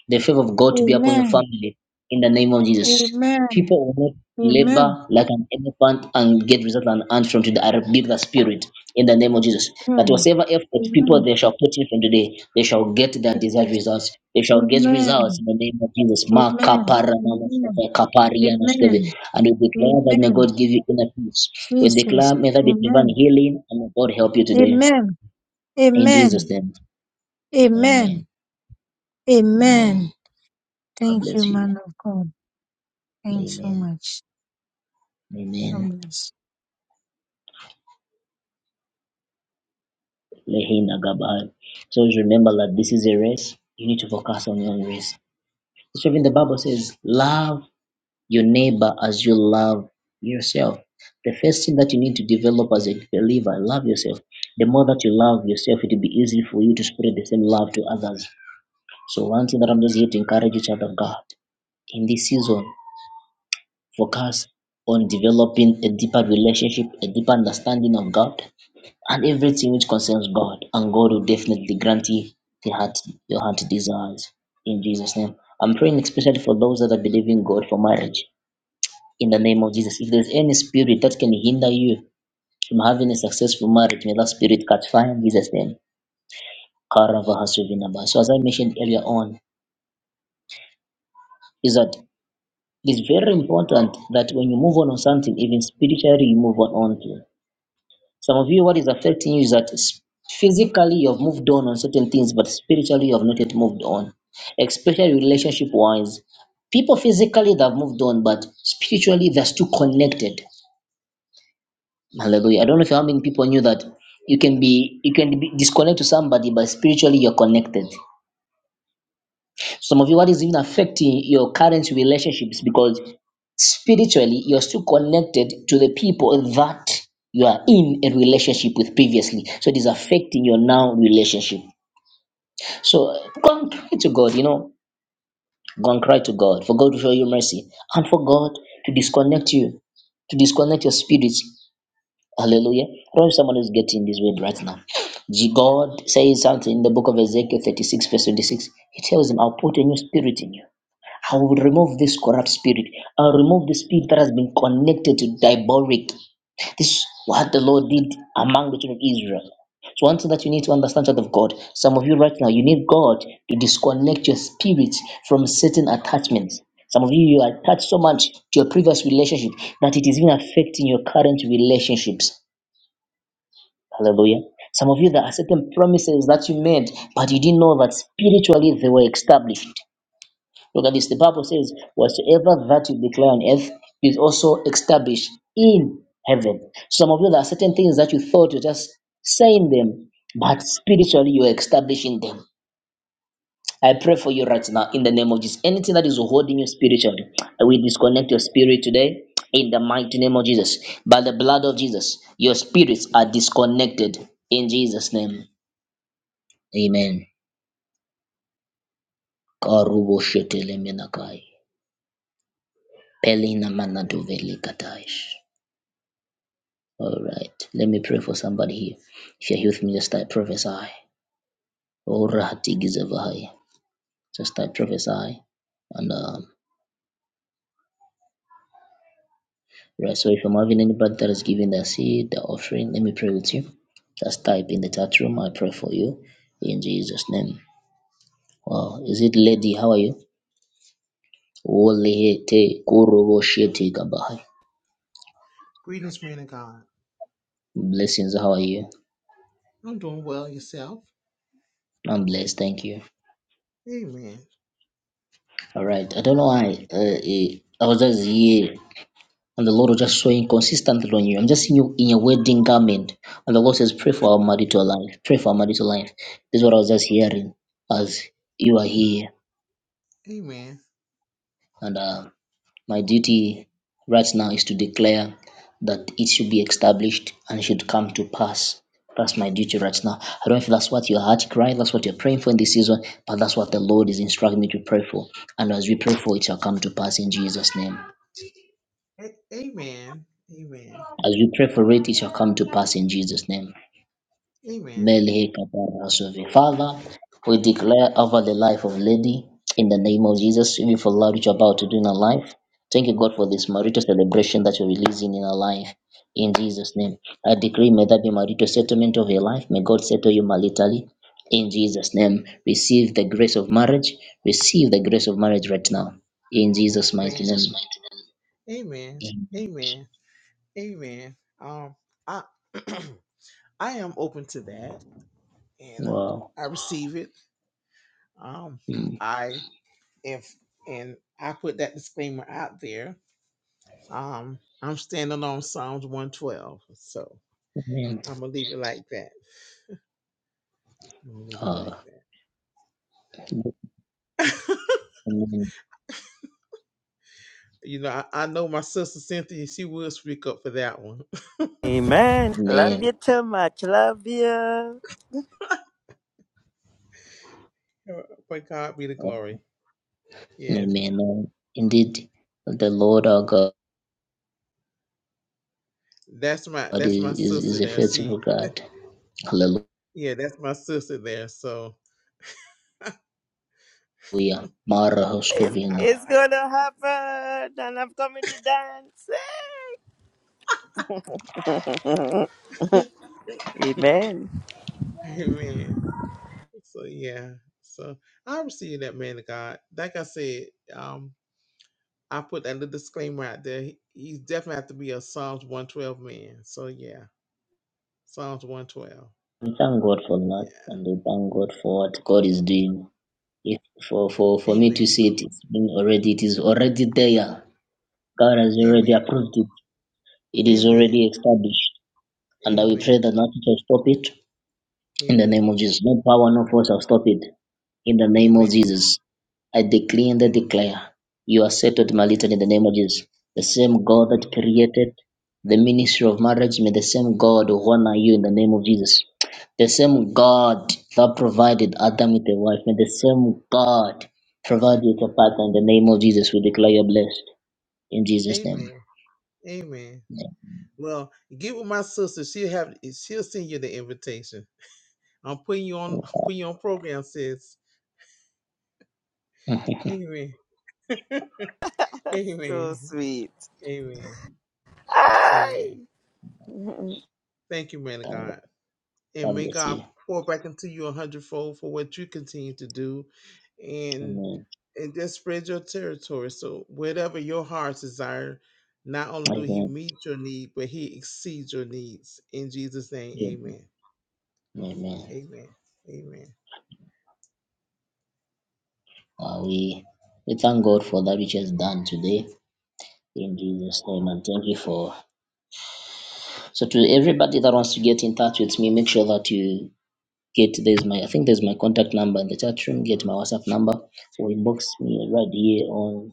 [SPEAKER 1] the favor of God to be upon your
[SPEAKER 9] Amen.
[SPEAKER 1] family in the name of Jesus.
[SPEAKER 9] Amen.
[SPEAKER 1] People will not
[SPEAKER 9] Amen.
[SPEAKER 1] labor like an elephant and get result and an from today. I rebuke the spirit in the name of Jesus. That
[SPEAKER 9] Mm.
[SPEAKER 1] whatever effort people
[SPEAKER 9] Amen.
[SPEAKER 1] they shall put in from today, they shall get their desired
[SPEAKER 9] Jesus.
[SPEAKER 1] results. They shall get results
[SPEAKER 9] Amen.
[SPEAKER 1] in the name of Jesus. Ma
[SPEAKER 9] Amen.
[SPEAKER 1] kapara na
[SPEAKER 9] Amen.
[SPEAKER 1] masaka, kapari ya maskeve.
[SPEAKER 9] Amen.
[SPEAKER 1] And we declare that may
[SPEAKER 9] Amen.
[SPEAKER 1] God give you inner peace. We
[SPEAKER 9] Jesus.
[SPEAKER 1] declare may there be divine
[SPEAKER 9] Amen.
[SPEAKER 1] healing and may God help you today.
[SPEAKER 9] Amen.
[SPEAKER 1] In
[SPEAKER 9] Amen.
[SPEAKER 1] Jesus' name. Amen.
[SPEAKER 9] Amen.
[SPEAKER 1] Amen.
[SPEAKER 9] Amen.
[SPEAKER 1] God
[SPEAKER 9] Thank you,
[SPEAKER 1] bless you.
[SPEAKER 9] man of God. Thanks so
[SPEAKER 1] Amen.
[SPEAKER 9] much.
[SPEAKER 1] Amen.
[SPEAKER 9] God bless.
[SPEAKER 1] Lehin Agabah. So always remember that this is a race. You need to focus on your own race. So even the Bible says, love your neighbor as you love yourself. The first thing that you need to develop as a believer, love yourself. The more that you love yourself, it will be easy for you to spread the same love to others. So one thing that I'm just here to encourage each other, God, in this season, focus on developing a deeper relationship, a deeper understanding of God and everything which concerns God, and God will definitely grant you the heart, your heart desires in Jesus' name. I'm praying especially for those that are believing God for marriage in the name of Jesus. If there's any spirit that can hinder you from having a successful marriage, may that spirit catch fire in Jesus' name. Karavahasuvinaba. So, as I mentioned earlier on, is that it's very important that when you move on on something, even spiritually, you move on onto. Some of you, what is affecting you is that s- physically you have moved on on certain things, but spiritually you have not yet moved on, especially relationship wise. People physically they have moved on, but spiritually they're still connected. Hallelujah. I don't know if how many people knew that you can be you can be disconnected to somebody, but spiritually you're connected. Some of you, what is even affecting your current relationships because spiritually you're still connected to the people that you are in a relationship with previously. So it is affecting your now relationship. So go and cry to God, you know, go and cry to God for God to show you mercy and for God to disconnect you, to disconnect your spirits. Hallelujah. I don't know if someone is getting this word right now. G- God says something in the book of Ezekiel 36, verse 26. He tells him, I'll put a new spirit in you I will remove this corrupt spirit. I'll remove the spirit that has been connected to diabolic. This is what the Lord did among the children of Israel. So one thing that you need to understand, child of God, some of you right now, you need God to disconnect your spirit from certain attachments. Some of you, you are attached so much to your previous relationship that it is even affecting your current relationships. Hallelujah. Some of you, there are certain promises that you made, but you didn't know that spiritually they were established. Look at this. The Bible says, Whatsoever that you declare on earth is also established in heaven. Some of you, there are certain things that you thought you're just saying them, but spiritually you're establishing them. I pray for you right now in the name of Jesus. Anything that is holding you spiritually, we disconnect your spirit today in the mighty name of Jesus. By the blood of Jesus, your spirits are disconnected in Jesus' name. Amen. Karubo shetele menakai. Pelina manadovele kataish. All right, let me pray for somebody here. If you're here with me, just start prophesy. All right, just start prophesy. And um, right, so if I'm having anybody that is giving their seed, their offering, let me pray with you. Just type in the chat room. I pray for you in Jesus' name. Wow, is it lady? How are you? Olehete korobo shete kabahai.
[SPEAKER 10] Greetings, man of God.
[SPEAKER 1] Blessings. How are you?
[SPEAKER 10] I'm doing well yourself.
[SPEAKER 1] I'm blessed. Thank you.
[SPEAKER 10] Amen.
[SPEAKER 1] All right. I don't know why. Uh, eh, I was just here. And the Lord will just show you consistently on you. I'm just seeing you in your wedding garment. And the Lord says, Pray for our marital life. Pray for our marital life. This is what I was just hearing as you are here.
[SPEAKER 10] Amen.
[SPEAKER 1] And uh, my duty right now is to declare that it should be established and should come to pass. That's my duty right now. I don't know if that's what your heart cry, that's what you're praying for in this season, but that's what the Lord is instructing me to pray for. And as we pray for it, shall come to pass in Jesus' name.
[SPEAKER 10] A- amen. Amen. Amen.
[SPEAKER 1] As we pray for it, it shall come to pass in Jesus' name.
[SPEAKER 10] In Amen.
[SPEAKER 1] Melchizedek. Father, we declare over the life of Lady in the name of Jesus, even for love which you're about to do in her life. Thank you, God, for this marital celebration that you're releasing in her life. In Jesus' name, I decree, may that be marital settlement of your life. May God settle you maritally. In Jesus' name, receive the grace of marriage. Receive the grace of marriage right now. In Jesus' mighty
[SPEAKER 10] Jesus'
[SPEAKER 1] name.
[SPEAKER 10] mighty name. Amen.
[SPEAKER 1] Amen.
[SPEAKER 10] Amen. Amen. Um, I I am open to that, and um,
[SPEAKER 1] Wow.
[SPEAKER 10] I receive it. Um,
[SPEAKER 1] Mm.
[SPEAKER 10] I if and I put that disclaimer out there. Um, I'm standing on Psalms 112, so
[SPEAKER 1] Amen.
[SPEAKER 10] I'm gonna leave it like that. I'm gonna leave it like
[SPEAKER 1] Ah.
[SPEAKER 10] that.
[SPEAKER 1] Amen.
[SPEAKER 10] You know, I, I know my sister Cynthia, she will speak up for that one.
[SPEAKER 7] Amen. Love
[SPEAKER 1] Amen.
[SPEAKER 7] you too much. Love you.
[SPEAKER 10] but God be the glory. Yeah,
[SPEAKER 1] Amen. Lord. Indeed, the Lord our God
[SPEAKER 10] That's my that's
[SPEAKER 1] is,
[SPEAKER 10] my
[SPEAKER 1] is, is
[SPEAKER 10] sister
[SPEAKER 1] a
[SPEAKER 10] there.
[SPEAKER 1] faithful
[SPEAKER 10] She
[SPEAKER 1] God.
[SPEAKER 10] yeah, that's my sister there. So
[SPEAKER 1] Hallelujah. Mara
[SPEAKER 10] I,
[SPEAKER 1] Hoshkevina.
[SPEAKER 7] It's
[SPEAKER 10] I
[SPEAKER 7] gonna happen, and I'm coming to dance. Hey. Amen.
[SPEAKER 10] Amen. So yeah. So I receive that man of God. Like I said, um, I put that little disclaimer out there. He, he definitely have to be a Psalms one twelve man. So yeah, Psalms one twelve.
[SPEAKER 1] We thank God for that
[SPEAKER 10] Yeah.
[SPEAKER 1] and we thank God for what God is doing. If for, for, for me to
[SPEAKER 10] Amen.
[SPEAKER 1] see it, it's been already, it is already there. God has
[SPEAKER 10] Amen.
[SPEAKER 1] already approved it. It is
[SPEAKER 10] Amen.
[SPEAKER 1] already established. And I will pray
[SPEAKER 10] Amen.
[SPEAKER 1] that nothing shall stop it. In the
[SPEAKER 10] Amen.
[SPEAKER 1] name of Jesus. No power, no force shall stop it. In the name of
[SPEAKER 10] Amen.
[SPEAKER 1] Jesus. I declare and I
[SPEAKER 10] Amen.
[SPEAKER 1] declare. You are settled, my little, in the name of Jesus. The same God that
[SPEAKER 10] Amen.
[SPEAKER 1] created the ministry of marriage, may the same God honor you in the name of Jesus. The same God that provided Adam with a wife, may the same God provide you with a partner in the name of Jesus. We declare you blessed in Jesus' name.
[SPEAKER 10] Amen. Amen. Well, get with my sister. She'll have she'll send you the invitation. I'm putting you on I'm putting you on program, sis.
[SPEAKER 1] Amen.
[SPEAKER 10] Amen.
[SPEAKER 7] That's so
[SPEAKER 10] Amen.
[SPEAKER 7] sweet.
[SPEAKER 10] Amen.
[SPEAKER 7] Aye.
[SPEAKER 10] Amen.
[SPEAKER 7] Mhm.
[SPEAKER 10] Thank you, man of
[SPEAKER 1] Thank God.
[SPEAKER 10] God.
[SPEAKER 1] God
[SPEAKER 10] and may
[SPEAKER 1] bless you.
[SPEAKER 10] God pour back into you a hundredfold for what you continue to do, and
[SPEAKER 1] Amen.
[SPEAKER 10] and just spread your territory. So whatever your heart's desire, not only do He
[SPEAKER 1] Amen.
[SPEAKER 10] meet your need, but He exceeds your needs. In Jesus' name, Amen.
[SPEAKER 1] Amen.
[SPEAKER 10] Amen. Amen.
[SPEAKER 1] Uh, we we thank God for that which has done today in Jesus' name, and thank you for. So to everybody that wants to get in touch with me, make sure that you get there's my I think there's my contact number in the chat room. Get my WhatsApp number or inbox me right here on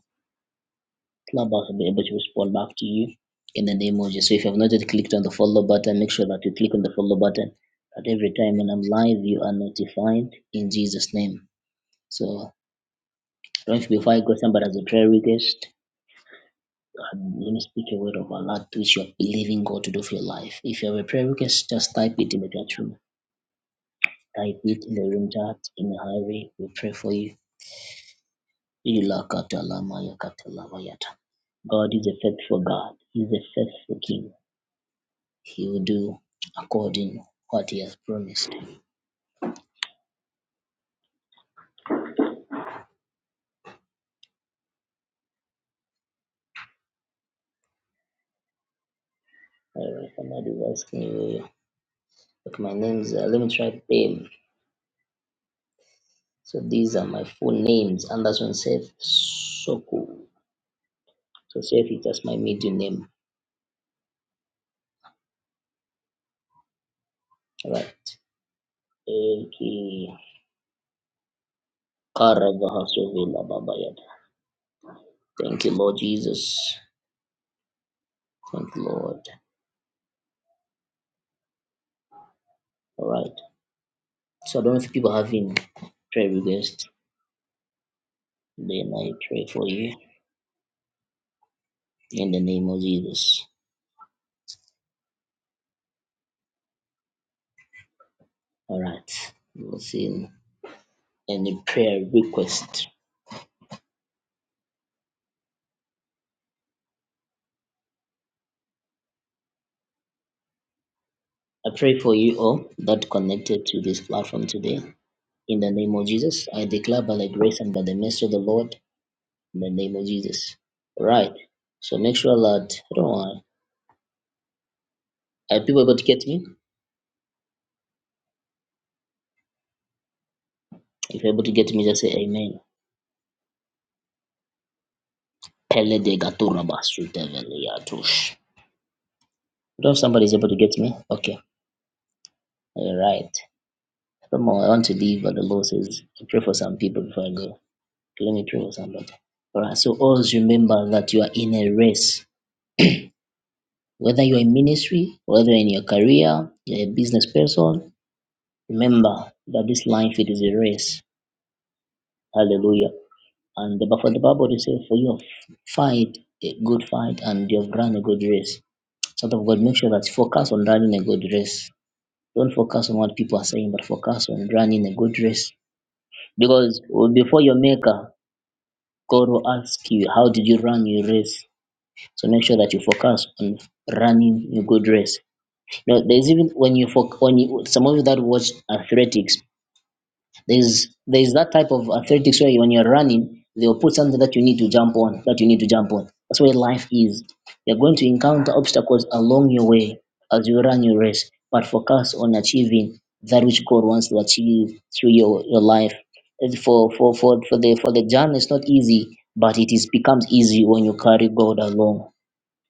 [SPEAKER 1] Clubhouse. I'll be able to respond back to you in the name of Jesus. So if you have not yet clicked on the follow button, make sure that you click on the follow button. At every time when I'm live, you are notified in Jesus' name. So don't be before I go somebody has a prayer request And let me speak a word of Allah to which you are believing God to do for your life. If you have a prayer request, just type it in the chat room. Type it in the room chat in a hurry. We pray for you. Ilakatalamayakatalamayata. God is a faithful God. He is a faithful King. He will do according what He has promised. Alright, somebody was asking you. Look, my name's uh, let me try them. So these are my full names. Anderson Safe Soku. So Safe is just my middle name. All right. Eki karabahaso vela babayada. Thank you, Lord Jesus. Thank you, Lord. All right. So I don't know if people have any prayer requests. Then I pray for you in the name of Jesus. All right. We'll see in any prayer request. I pray for you all that connected to this platform today. In the name of Jesus, I declare by the grace and by the mercy of the Lord, in the name of Jesus. All right. So make sure that, I don't know, are people able to get me? If you're able to get me, just say amen. Pele de gaturaba suteveliatush. Don't know if somebody's able to get me. Okay. All right. Furthermore, I want to leave, but the Lord says, pray for some people before I go. Okay, let me pray for somebody. All right. So always remember that you are in a race. Whether you're in ministry, whether in your career, you're a business person, remember that this life it is a race. Hallelujah. And the, for the Bible, they say, for you have fight a good fight and you have run a good race. Child of God, make sure that you focus on running a good race. Don't focus on what people are saying, but focus on running a good race. Because oh, before your maker, God will ask you, How did you run your race? So make sure that you focus on running a good race. You know, there's even when you, foc- when you some of you that watch athletics, There's there's that type of athletics where when you're running, they'll put something that you need to jump on, that you need to jump on. That's where life is. You're going to encounter obstacles along your way as you run your race, but focus on achieving that which God wants to achieve through your, your life. And For, for, for, for the for the journey, it's not easy, but it is becomes easy when you carry God along.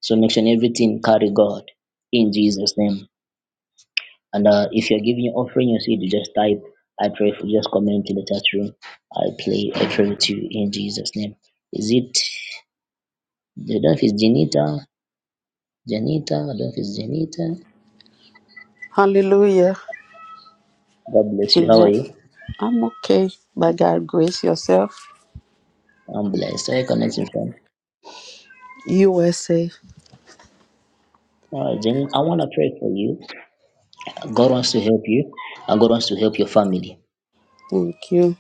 [SPEAKER 1] So next and everything carry God in Jesus' name. And uh, if you're giving your offering, your seed, you see, to just type, I pray for you, just comment in the chat room. I play, I pray with you in Jesus' name. Is it, I don't know if it's Janita, Janita, I don't know if it's Janita.
[SPEAKER 11] Hallelujah.
[SPEAKER 1] God bless you. How are
[SPEAKER 11] Jeanette,
[SPEAKER 1] you?
[SPEAKER 11] I'm okay. By God grace yourself.
[SPEAKER 1] I'm blessed. How are you connecting from?
[SPEAKER 11] USA.
[SPEAKER 1] All right, Janita, I want to pray for you. God wants to help you, and God wants to help your family.
[SPEAKER 11] Thank you.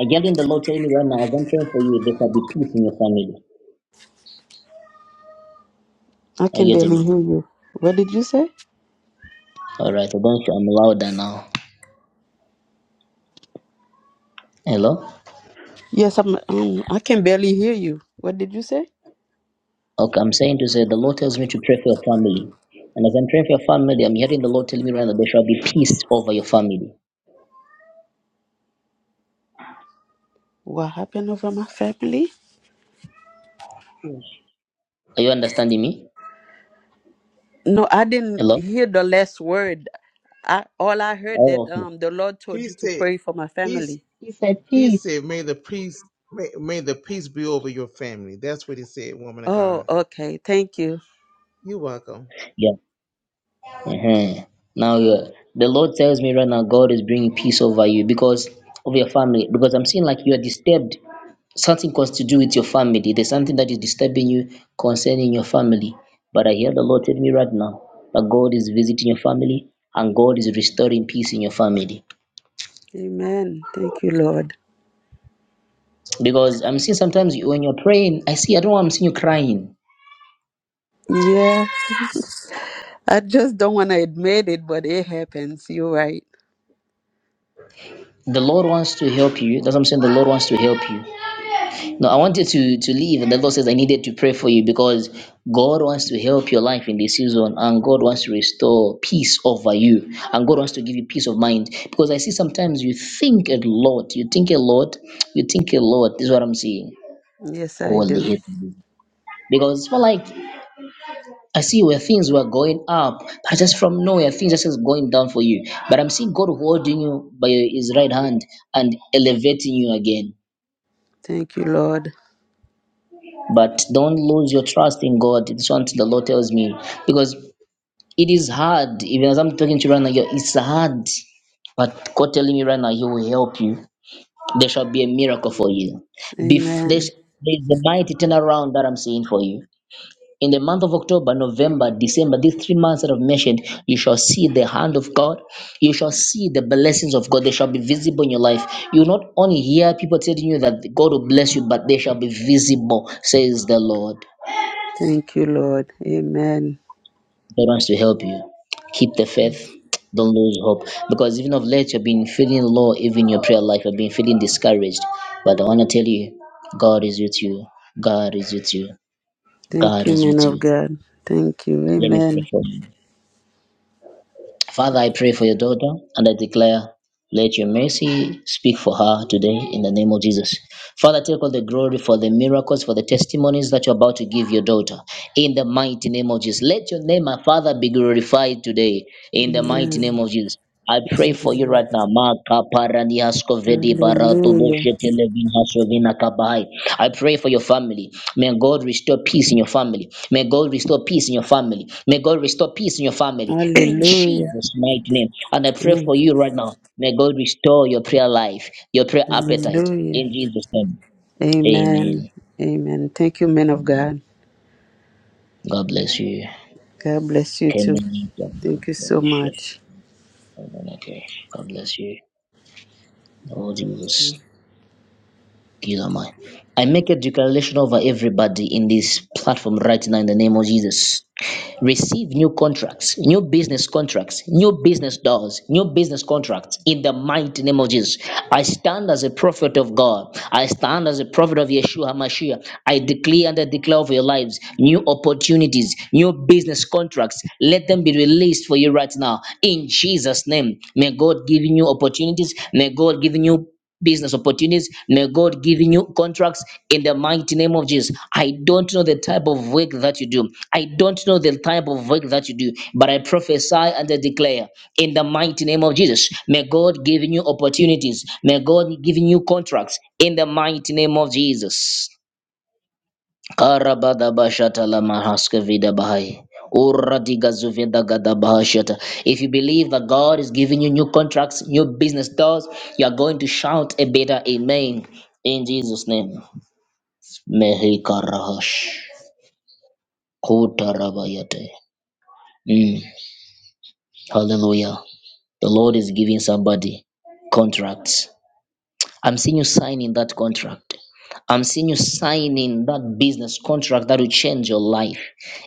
[SPEAKER 1] I'm getting the Lord telling me right now, as I'm praying for you, there shall be peace in your family.
[SPEAKER 11] I
[SPEAKER 1] Are
[SPEAKER 11] can
[SPEAKER 1] you getting
[SPEAKER 11] barely
[SPEAKER 1] me?
[SPEAKER 11] hear you. What did you say?
[SPEAKER 1] All right, I don't to, I'm louder now. Hello?
[SPEAKER 11] Yes, I'm um I can barely hear you. What did you say?
[SPEAKER 1] Okay, I'm saying to say the Lord tells me to pray for your family. And as I'm praying for your family, I'm hearing the Lord telling me right now there shall be peace over your family.
[SPEAKER 11] What happened over my family?
[SPEAKER 1] Yes. Are you understanding me?
[SPEAKER 11] No, I didn't
[SPEAKER 1] Hello?
[SPEAKER 11] hear the last word. I all I heard that
[SPEAKER 1] Oh, okay.
[SPEAKER 11] um the Lord told
[SPEAKER 10] He
[SPEAKER 11] you to
[SPEAKER 10] said,
[SPEAKER 11] pray for my
[SPEAKER 10] He's
[SPEAKER 11] family.
[SPEAKER 10] He said, may the peace may, may the peace be over your family. That's what He said, woman of
[SPEAKER 11] Oh,
[SPEAKER 10] God.
[SPEAKER 11] okay. Thank you.
[SPEAKER 10] You're welcome.
[SPEAKER 1] Yeah. Mhm. Now, uh, the Lord tells me right now God is bringing peace over you because of your family. Because I'm seeing like you are disturbed. Something has to do with your family. There's something that is disturbing you concerning your family. But I hear the Lord telling me right now that God is visiting your family and God is restoring peace in your family.
[SPEAKER 11] Amen. Thank you, Lord.
[SPEAKER 1] Because I'm seeing sometimes you- when you're praying, I see, I don't know, why I'm seeing you crying.
[SPEAKER 11] Yeah. I just don't want to admit it, but it happens. You're right.
[SPEAKER 1] The Lord wants to help you. That's what I'm saying. The Lord wants to help you. No, I wanted to, to leave, and the Lord says, I needed to pray for you because God wants to help your life in this season, and God wants to restore peace over you, and God wants to give you peace of mind. Because I see sometimes you think a lot, you think a lot, you think a lot. This is what I'm seeing.
[SPEAKER 11] Yes, I
[SPEAKER 1] Holy.
[SPEAKER 11] do.
[SPEAKER 1] hell. Because it's more like I see where things were going up, but just from nowhere, things are just going down for you. But I'm seeing God holding you by His right hand and elevating you again.
[SPEAKER 11] Thank you, Lord.
[SPEAKER 1] But don't lose your trust in God. This one the Lord tells me because it is hard. Even as I'm talking to you right now, yeah, it's hard. But God telling me right now, He will help you. There shall be a miracle for you. Bef-
[SPEAKER 11] Amen.
[SPEAKER 1] there's, there's a mighty turnaround that I'm seeing for you. in the month of October, November, December, these three months that I've mentioned, you shall see the hand of God. You shall see the blessings of God. They shall be visible in your life. You will not only hear people telling you that God will bless you, but they shall be visible, says the Lord.
[SPEAKER 11] Thank you, Lord. Amen.
[SPEAKER 1] God wants to help you. Keep the faith. Don't lose hope. Because even of late, you've been feeling low, even in your prayer life, you've been feeling discouraged. But I want to tell you, God is with you. God is with you.
[SPEAKER 11] Thank
[SPEAKER 1] God
[SPEAKER 11] you,
[SPEAKER 1] is
[SPEAKER 11] man
[SPEAKER 1] with
[SPEAKER 11] of
[SPEAKER 1] you.
[SPEAKER 11] God. Thank you.
[SPEAKER 1] Let me pray
[SPEAKER 11] Amen.
[SPEAKER 1] for you. Father, I pray for your daughter and I declare, let your mercy speak for her today in the name of Jesus. Father, take all the glory for the miracles, for the testimonies that you're about to give your daughter in the mighty name of Jesus. Let your name, my Father, be glorified today in the mighty name
[SPEAKER 11] Amen.
[SPEAKER 1] of Jesus. I pray for you right now. Maka paraniasko vedi barato
[SPEAKER 11] Hallelujah.
[SPEAKER 1] doshe televina sovina kabai. I pray for your family. May God restore peace in your family. May God restore peace in your family. May God restore peace in your family. In
[SPEAKER 11] Hallelujah.
[SPEAKER 1] Jesus' mighty name. And I pray
[SPEAKER 11] Amen.
[SPEAKER 1] for you right now. May God restore your prayer life, your prayer appetite.
[SPEAKER 11] Hallelujah.
[SPEAKER 1] In Jesus' name.
[SPEAKER 11] Amen.
[SPEAKER 1] Amen.
[SPEAKER 11] Amen. Thank you, men of God.
[SPEAKER 1] God bless you.
[SPEAKER 11] God bless you too.
[SPEAKER 1] Amen. God
[SPEAKER 11] Thank you so
[SPEAKER 1] bless you.
[SPEAKER 11] much.
[SPEAKER 1] God bless you. Oh, Jesus. Jesus, am I? I make a declaration over everybody in this platform right now in the name of Jesus. Receive new contracts, new business contracts, new business doors, new business contracts in the mighty name of Jesus. I stand as a prophet of God. I stand as a prophet of Yeshua HaMashiach. I declare and I declare over your lives new opportunities, new business contracts. Let them be released for you right now in Jesus' name. May God give you new opportunities. May God give you new business opportunities. May God give you new contracts in the mighty name of Jesus. I don't know the type of work that you do. I don't know the type of work that you do, but I prophesy and I declare in the mighty name of Jesus. May God give you opportunities. May God give you contracts in the mighty name of Jesus. Karabada bashata la mahaska vida bahai. Ura diga gada bahashata. If you believe that God is giving you new contracts, new business doors, you are going to shout a better amen in Jesus' name. Mehi karahash. Kutarabayate. Mm. Hallelujah. The Lord is giving somebody contracts. I'm seeing you signing that contract. I'm seeing you signing that business contract that will change your life.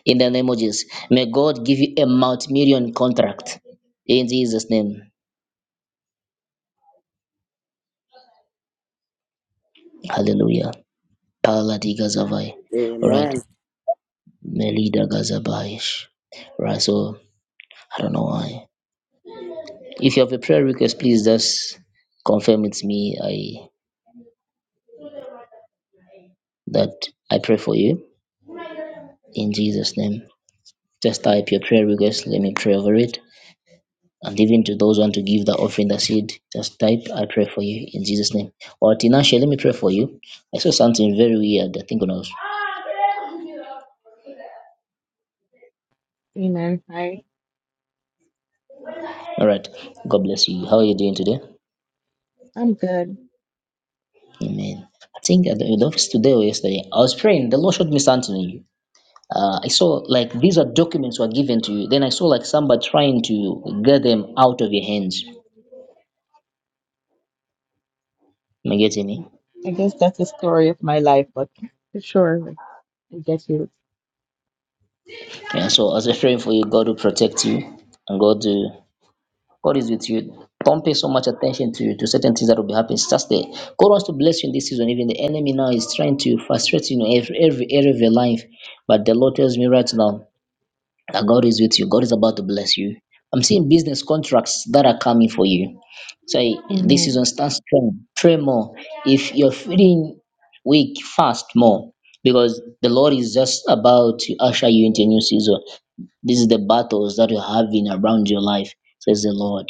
[SPEAKER 1] In the name of Jesus, may God give you a multi-million contract. In Jesus' name, Hallelujah. Paladi Gazavai. All right,
[SPEAKER 7] Amen.
[SPEAKER 1] Melida Gazabayish. Right, so I don't know why. If you have a prayer request, please just confirm it's me. I that I pray for you in Jesus' name. Just type your prayer request. Let me pray over it. and even to those who want to give the offering, the seed, just type, I pray for you in Jesus' name. Or Tinashe, let me pray for you. I saw something very weird. I think when I was. All right. God bless you. How are you doing today? Amen. I think at the, in the office today or yesterday, I was praying. The Lord showed me something. you. Uh, I saw like these are documents were given to you. Then I saw like somebody trying to get them out of your hands. Am I getting me? Yeah, so as I was praying for you, God will protect you and God will God is with you. Don't pay so much attention to to certain things that will be happening. It's Just there. God wants to bless you in this season. Even the enemy now is trying to frustrate you in every every area of your life. But the Lord tells me right now that God is with you. God is about to bless you. I'm seeing business contracts that are coming for you. So this season stand strong. Pray more. If you're feeling weak, fast more. Because the Lord is just about to usher you into a new season. This is the battles that you're having around your life, says the Lord.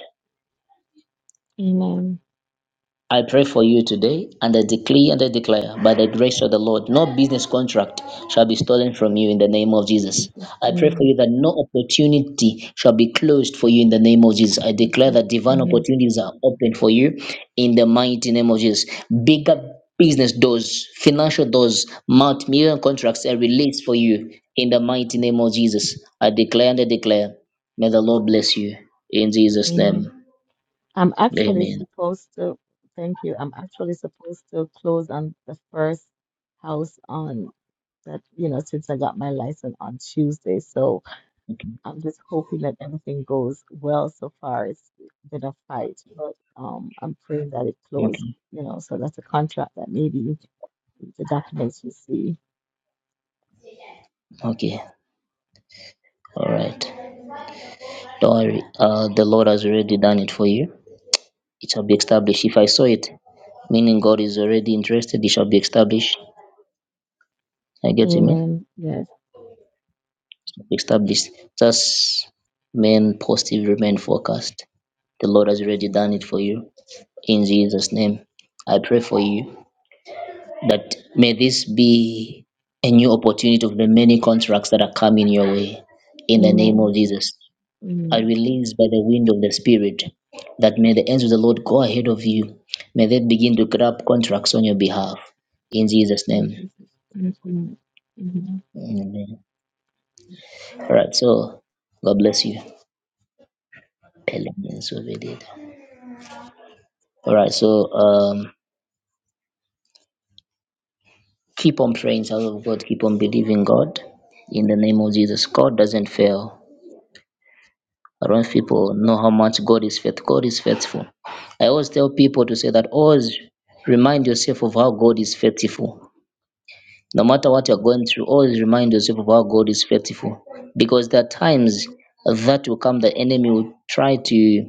[SPEAKER 1] I pray for you today and I decree and I declare by the grace of the Lord, no business contract shall be stolen from you in the name of Jesus. I pray for you that no opportunity shall be closed for you in the name of Jesus. I declare that divine opportunities are open for you in the mighty name of Jesus. Bigger business doors, financial doors, multi million contracts are released for you in the mighty name of Jesus. I declare and I declare, may the Lord bless you in Jesus' name. Amen. Okay. Okay. Okay. All right. Don't worry. Uh, the Lord has already done it for you. It shall be established. If I saw it, meaning God is already interested, it shall be established. I get you, mean? Established. Just main positive remain focused. The Lord has already done it for you. In Jesus' name, I pray for you that may this be a new opportunity of the many contracts that are coming your way. In the name of Jesus. are released by the wind of the Spirit, that may the ends of the Lord go ahead of you. May they begin to grab contracts on your behalf. In Jesus' name. Amen. All right, so God bless you. Elements of it. All right, so um, keep on praying, child of God. Keep on believing God. In the name of Jesus, God doesn't fail. I don't know if people know how much God is faithful. God is faithful. I always tell people to say that always remind yourself of how God is faithful No matter what you're going through, always remind yourself of how God is faithful. Because there are times that will come, the enemy will try to,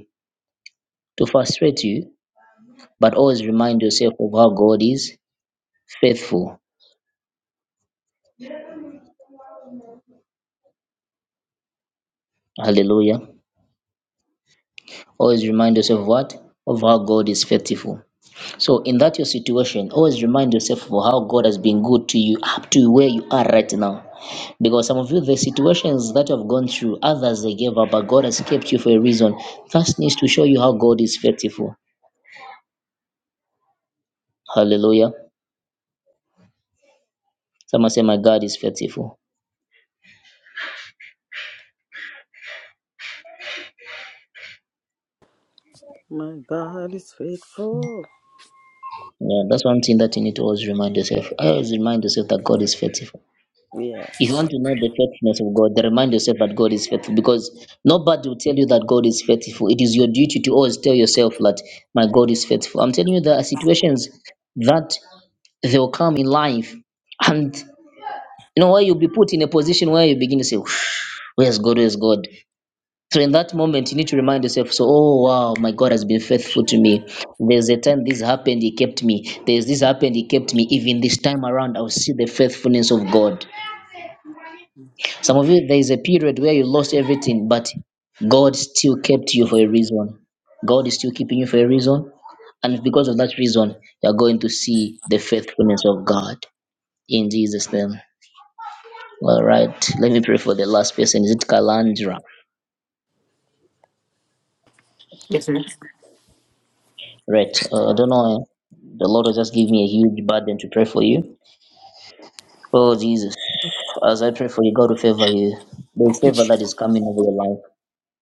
[SPEAKER 1] to frustrate you, but always remind yourself of how God is faithful. Hallelujah. Always remind yourself of what? Of how God is faithful. So, in that your situation, always remind yourself of how God has been good to you up to where you are right now. Because some of you, the situations that you have gone through, others they gave up, but God has kept you for a reason. That needs to show you how God is faithful. Hallelujah. Someone say, My God is faithful.
[SPEAKER 7] My God is faithful.
[SPEAKER 1] Yeah, that's one thing that you need to always remind yourself. I Always remind yourself that God is faithful. If you
[SPEAKER 7] Yes.
[SPEAKER 1] want to know the faithfulness of God, then remind yourself that God is faithful because nobody will tell you that God is faithful. It is your duty to always tell yourself that my God is faithful. I'm telling you, there are situations that they will come in life, and you know where you'll be put in a position where you begin to say, "Where's God? Where's God?" So in that moment, you need to remind yourself, so, oh wow, my God has been faithful to me. There's a time this happened, He kept me. There's this happened, He kept me. Even this time around, I'll see the faithfulness of God. Some of you, there is a period where you lost everything, but God still kept you for a reason. God is still keeping you for a reason. And because of that reason, you're going to see the faithfulness of God in Jesus' name. All right, let me pray for the last person. Is it Kalandra?
[SPEAKER 12] Yes, sir.
[SPEAKER 1] Right. Uh, I don't know. eh? The Lord will just give me a huge burden to pray for you. Oh, Jesus. As I pray for you, God will favor you. There's
[SPEAKER 12] Thank you,
[SPEAKER 1] favor that
[SPEAKER 12] Jesus.
[SPEAKER 1] is coming over your life.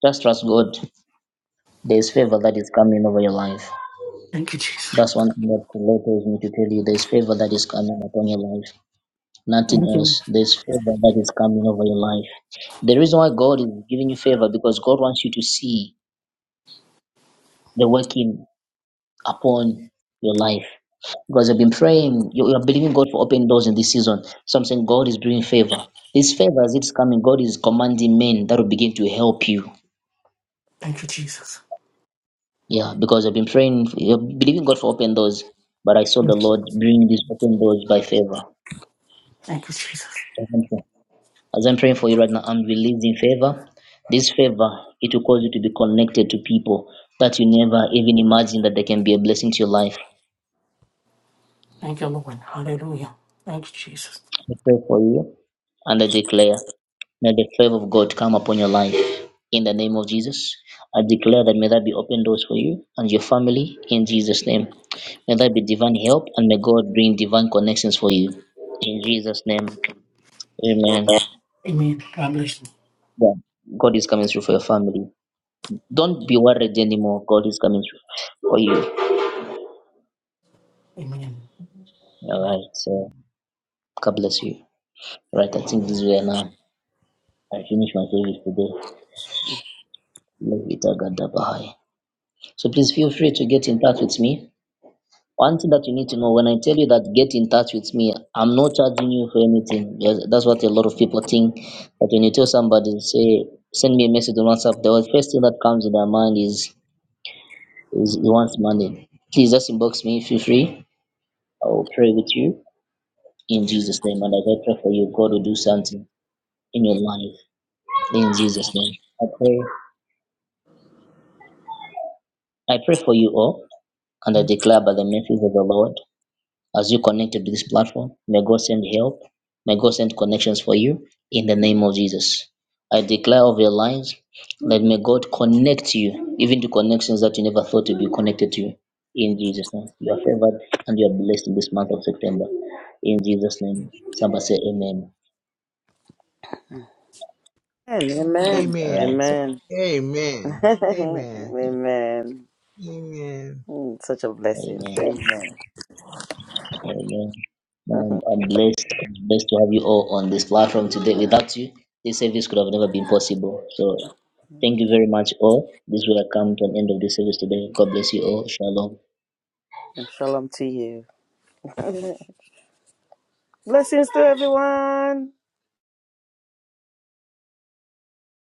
[SPEAKER 1] Just trust God. There's favor that is coming over your life.
[SPEAKER 12] Thank you, Jesus.
[SPEAKER 1] That's one thing that the Lord tells me to tell you. There's favor that is coming upon your life. Nothing
[SPEAKER 12] Thank you.
[SPEAKER 1] else. There's favor that is coming over your life. The reason why God is giving you favor because God wants you to see the working upon your life because you've been praying, you you are believing God for open doors in this season. So I'm saying God is bringing favor. This favor as it's coming, God is commanding men that will begin to help you.
[SPEAKER 12] Thank you, Jesus.
[SPEAKER 1] Yeah, because I've been praying, you're believing God for open doors, but I saw the
[SPEAKER 12] Thank you,
[SPEAKER 1] Lord bring these open doors by favor.
[SPEAKER 12] Thank you, Jesus.
[SPEAKER 1] That's something. As I'm praying for you right now, I'm releasing favor. This favor, it will cause you to be connected to people that you never even imagined that they can be a blessing to your life.
[SPEAKER 12] Thank you, Lord. Hallelujah. Thank you, Jesus.
[SPEAKER 1] I pray for you and I declare. May the favor of God come upon your life in the name of Jesus. I declare that may that be open doors for you and your family in Jesus' name. May that be divine help and may God bring divine connections for you in Jesus' name. Amen.
[SPEAKER 12] Amen. God bless you.
[SPEAKER 1] Yeah. God is coming through for your family. Don't be worried anymore. God is coming through for you.
[SPEAKER 12] Amen.
[SPEAKER 1] All right. So God bless you. All right. I think this is where now I finish my service today. Love it, I got that behind. So please feel free to get in touch with me One thing that you need to know when I tell you that get in touch with me, I'm not charging you for anything. Yes, That's what a lot of people think. But when you tell somebody, say, send me a message on WhatsApp, the first thing that comes in their mind is, is he wants money. Please just inbox me, feel free. I will pray with you in Jesus' name. And as I pray for you, God will do something in your life in Jesus' name. I pray. I pray for you all, and I declare by the mercies of the Lord As you connected to this platform, may God send help. May God send connections for you in the name of Jesus. I declare over your lives that may God connect you, even to connections that you never thought to be connected to. In Jesus' name. You are favored and you are blessed in this month of September. In Jesus' name. Somebody say amen.
[SPEAKER 7] Amen.
[SPEAKER 1] All
[SPEAKER 10] Amen.
[SPEAKER 1] right. so,
[SPEAKER 7] Amen.
[SPEAKER 10] Amen.
[SPEAKER 7] Amen.
[SPEAKER 10] Amen.
[SPEAKER 7] Amen.
[SPEAKER 10] Amen.
[SPEAKER 7] Mm, Such a blessing.
[SPEAKER 1] Amen.
[SPEAKER 7] Amen.
[SPEAKER 1] Amen. Um, I'm blessed. I'm blessed to have you all on this platform today. Without you, this service could have never been possible. So, thank you very much, all. This will have come to an end of this service today. God bless you all. Shalom.
[SPEAKER 7] And Shalom to you. Blessings to everyone.